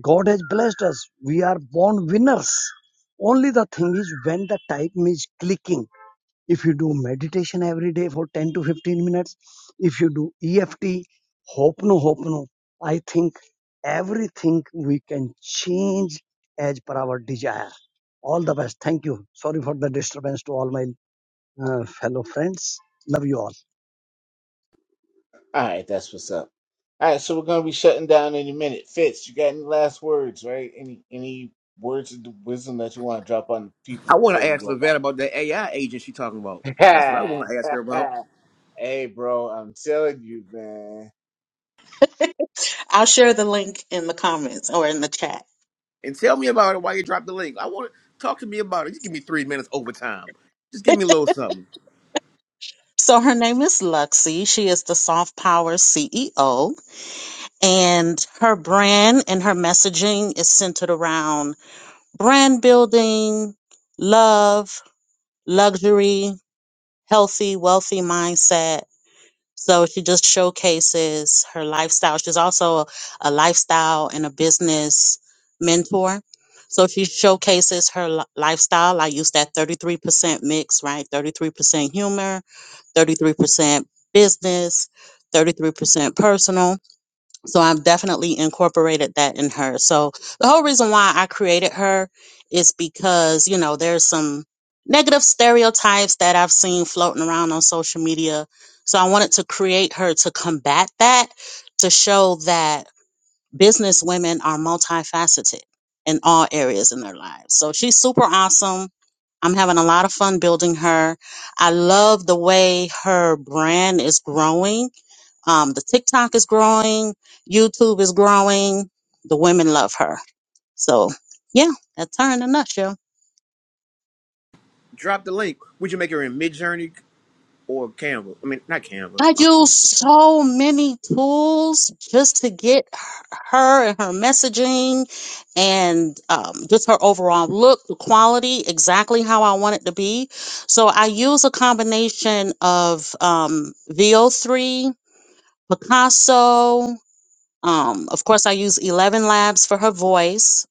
Speaker 8: God has blessed us. We are born winners. Only the thing is when the time is clicking if you do meditation every day for 10 to 15 minutes, if you do EFT, Hopno Hopno, I think everything we can change as per our desire. All the best. Thank you. Sorry for the disturbance to all my uh, fellow friends. Love you all.
Speaker 3: All right, that's what's up. All right, so we're gonna be shutting down in a minute. Fitz, you got any last words, right? Any any words of wisdom that you want to drop on the people
Speaker 7: I want to
Speaker 3: before we
Speaker 7: ask
Speaker 3: go
Speaker 7: Levette about that AI agent she talking about. That's what I
Speaker 3: back?
Speaker 7: want to ask her about.
Speaker 3: hey, bro, I'm telling you, man.
Speaker 2: I'll share the link in the comments or in the chat.
Speaker 7: And tell me about it while you drop the link. I want to talk to me about it. Just give me three minutes overtime. Just give me a little something.
Speaker 2: So her name is Luxie. She is the Soft Power CEO. And her brand and her messaging is centered around brand building, love, luxury, healthy, wealthy mindset. So she just showcases her lifestyle. She's also a, a lifestyle and a business mentor. So she showcases her li- lifestyle. I use that 33% mix, right? 33% humor, 33% business, 33% personal. So I've definitely incorporated that in her. So the whole reason why I created her is because, you know, there's some negative stereotypes that I've seen floating around on social media. So I wanted to create her to combat that, to show that business women are multifaceted in all areas in their lives. So she's super awesome I'm having a lot of fun building her. I love the way her brand is growing. Um, the TikTok is growing, YouTube is growing. The women love her. So, yeah, that's her in a nutshell.
Speaker 7: drop the link. Would you make her in Midjourney or Canva? I mean, not Canva.
Speaker 2: I use so many tools just to get her and her messaging and um, just her overall look, the quality, exactly how I want it to be. So I use a combination of um, VO3 Picasso. Um, of course, I use Eleven Labs for her voice.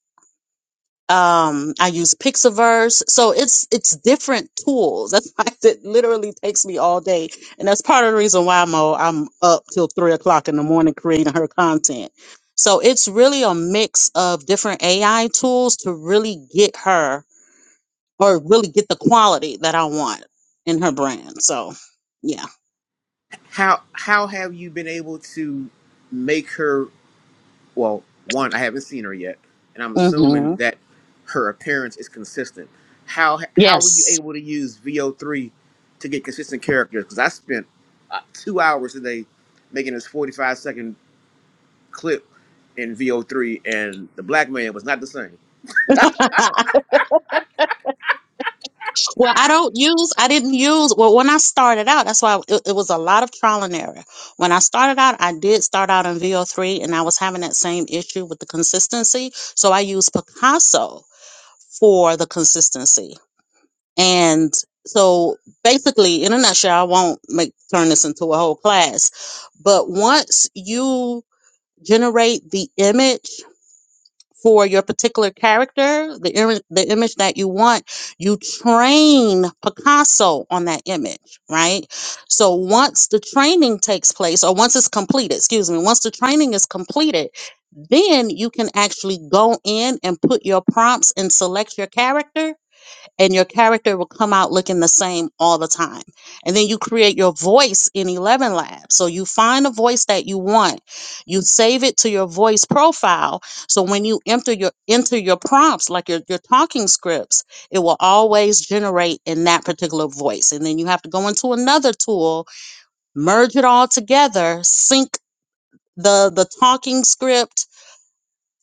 Speaker 2: Um, I use Pixaverse, so it's it's different tools. That's why it literally takes me all day, and that's part of the reason why I'm uh, I'm up till three o'clock in the morning creating her content. So it's really a mix of different AI tools to really get her or really get the quality that I want in her brand. So, yeah.
Speaker 7: How how have you been able to make her? Well, one, I haven't seen her yet, and I'm assuming
Speaker 2: hmm
Speaker 7: that her appearance is consistent. How how were you
Speaker 2: Yes.
Speaker 7: able to use VO3 to get consistent characters? Because I spent uh, two hours today making this 45 second clip in VO3, and the black man was not the same.
Speaker 2: Well, I don't use, I didn't use, well, when I started out, that's why it, it was a lot of trial and error. When I started out, I did start out in VO3 and I was having that same issue with the consistency. So I used Picasso for the consistency. And so basically, in a nutshell, I won't make turn this into a whole class, but once you generate the image, for your particular character, the ir- the image that you want, you train Picasso on that image, right? So once the training takes place, or once it's completed, excuse me, once the training is completed, then you can actually go in and put your prompts and select your character and your character will come out looking the same all the time. And then you create your voice in 11 Labs. So you find a voice that you want. You save it to your voice profile. So when you enter your enter your prompts, like your, your talking scripts, it will always generate in that particular voice. And then you have to go into another tool, merge it all together, sync the the talking script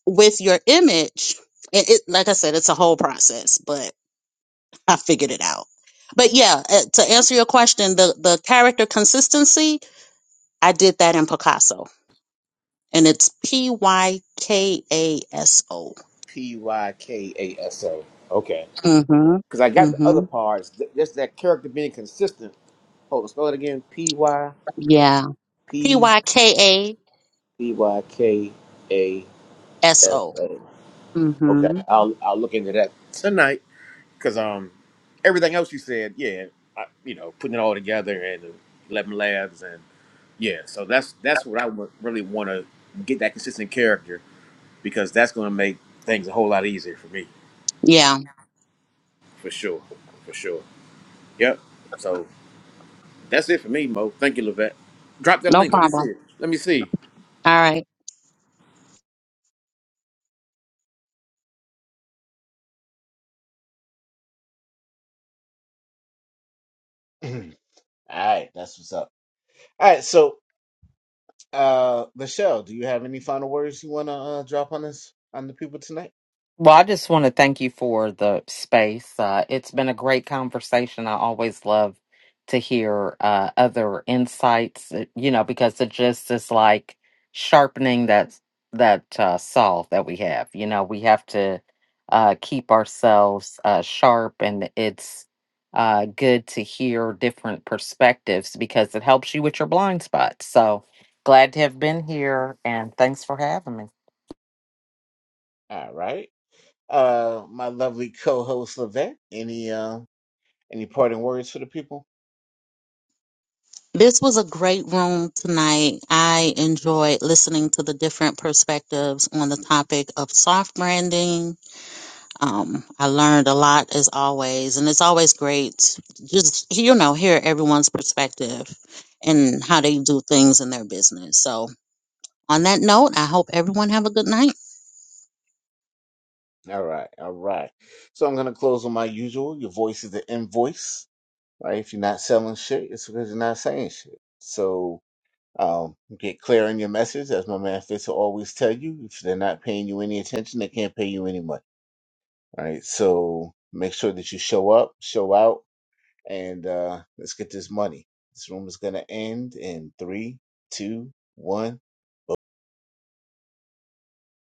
Speaker 2: with your image. And it like I said, it's a whole process, but I figured it out. But yeah, uh, to answer your question, the the character consistency, I did that in Picasso, and it's P Y K A S O.
Speaker 7: P Y K A S O. Okay.
Speaker 2: Mhm.
Speaker 7: Because I got the other
Speaker 2: Mhm.
Speaker 7: parts. th- Just that character being consistent. Hold on, spell it again. P Y
Speaker 2: Yeah. P
Speaker 7: P
Speaker 2: Y K A
Speaker 7: P Y K A
Speaker 2: S
Speaker 7: S
Speaker 2: O.
Speaker 7: O. Okay,
Speaker 2: Mhm.
Speaker 7: I'll I'll look into that tonight. Because um, everything else you said, yeah, I, you know, putting it all together and eleven labs and yeah, so that's that's what I would really want to get that consistent character because that's going to make things a whole lot easier for me,
Speaker 2: Yeah.
Speaker 7: for sure, for sure. Yep. So. That's it for me, Mo. Thank you, Levette. Drop that
Speaker 2: No
Speaker 7: link. Let me see
Speaker 2: problem.
Speaker 7: it. Let me see.
Speaker 2: All right.
Speaker 3: All right, that's what's up. All right, so uh, Michelle, do you have any final words you want to uh, drop on us on the people tonight?
Speaker 1: Well, I just want to thank you for the space. Uh, it's been a great conversation. I always love to hear uh, other insights, uh, you know, because it just is like sharpening that that uh, saw that we have. You know, we have to uh, keep ourselves uh, sharp, and it's uh, good to hear different perspectives because it helps you with your blind spots. So glad to have been here, and thanks for having me.
Speaker 3: All right, uh, my lovely co-host Levette, any uh, any parting words for the people?
Speaker 2: This was a great room tonight. I enjoyed listening to the different perspectives on the topic of soft branding Um, I learned a lot as always, and it's always great to just you know hear everyone's perspective and how they do things in their business. So, on that note, I hope everyone have a good night.
Speaker 3: All right, all right. So I'm gonna close on my usual. Your voice is the invoice, right? If you're not selling shit, it's because you're not saying shit. So um, get clear on your message, as my man Fitz will always tell you. If they're not paying you any attention, they can't pay you any money, right? So make sure that you show up, show out, and uh, let's get this money. This room is gonna end in three, two, one.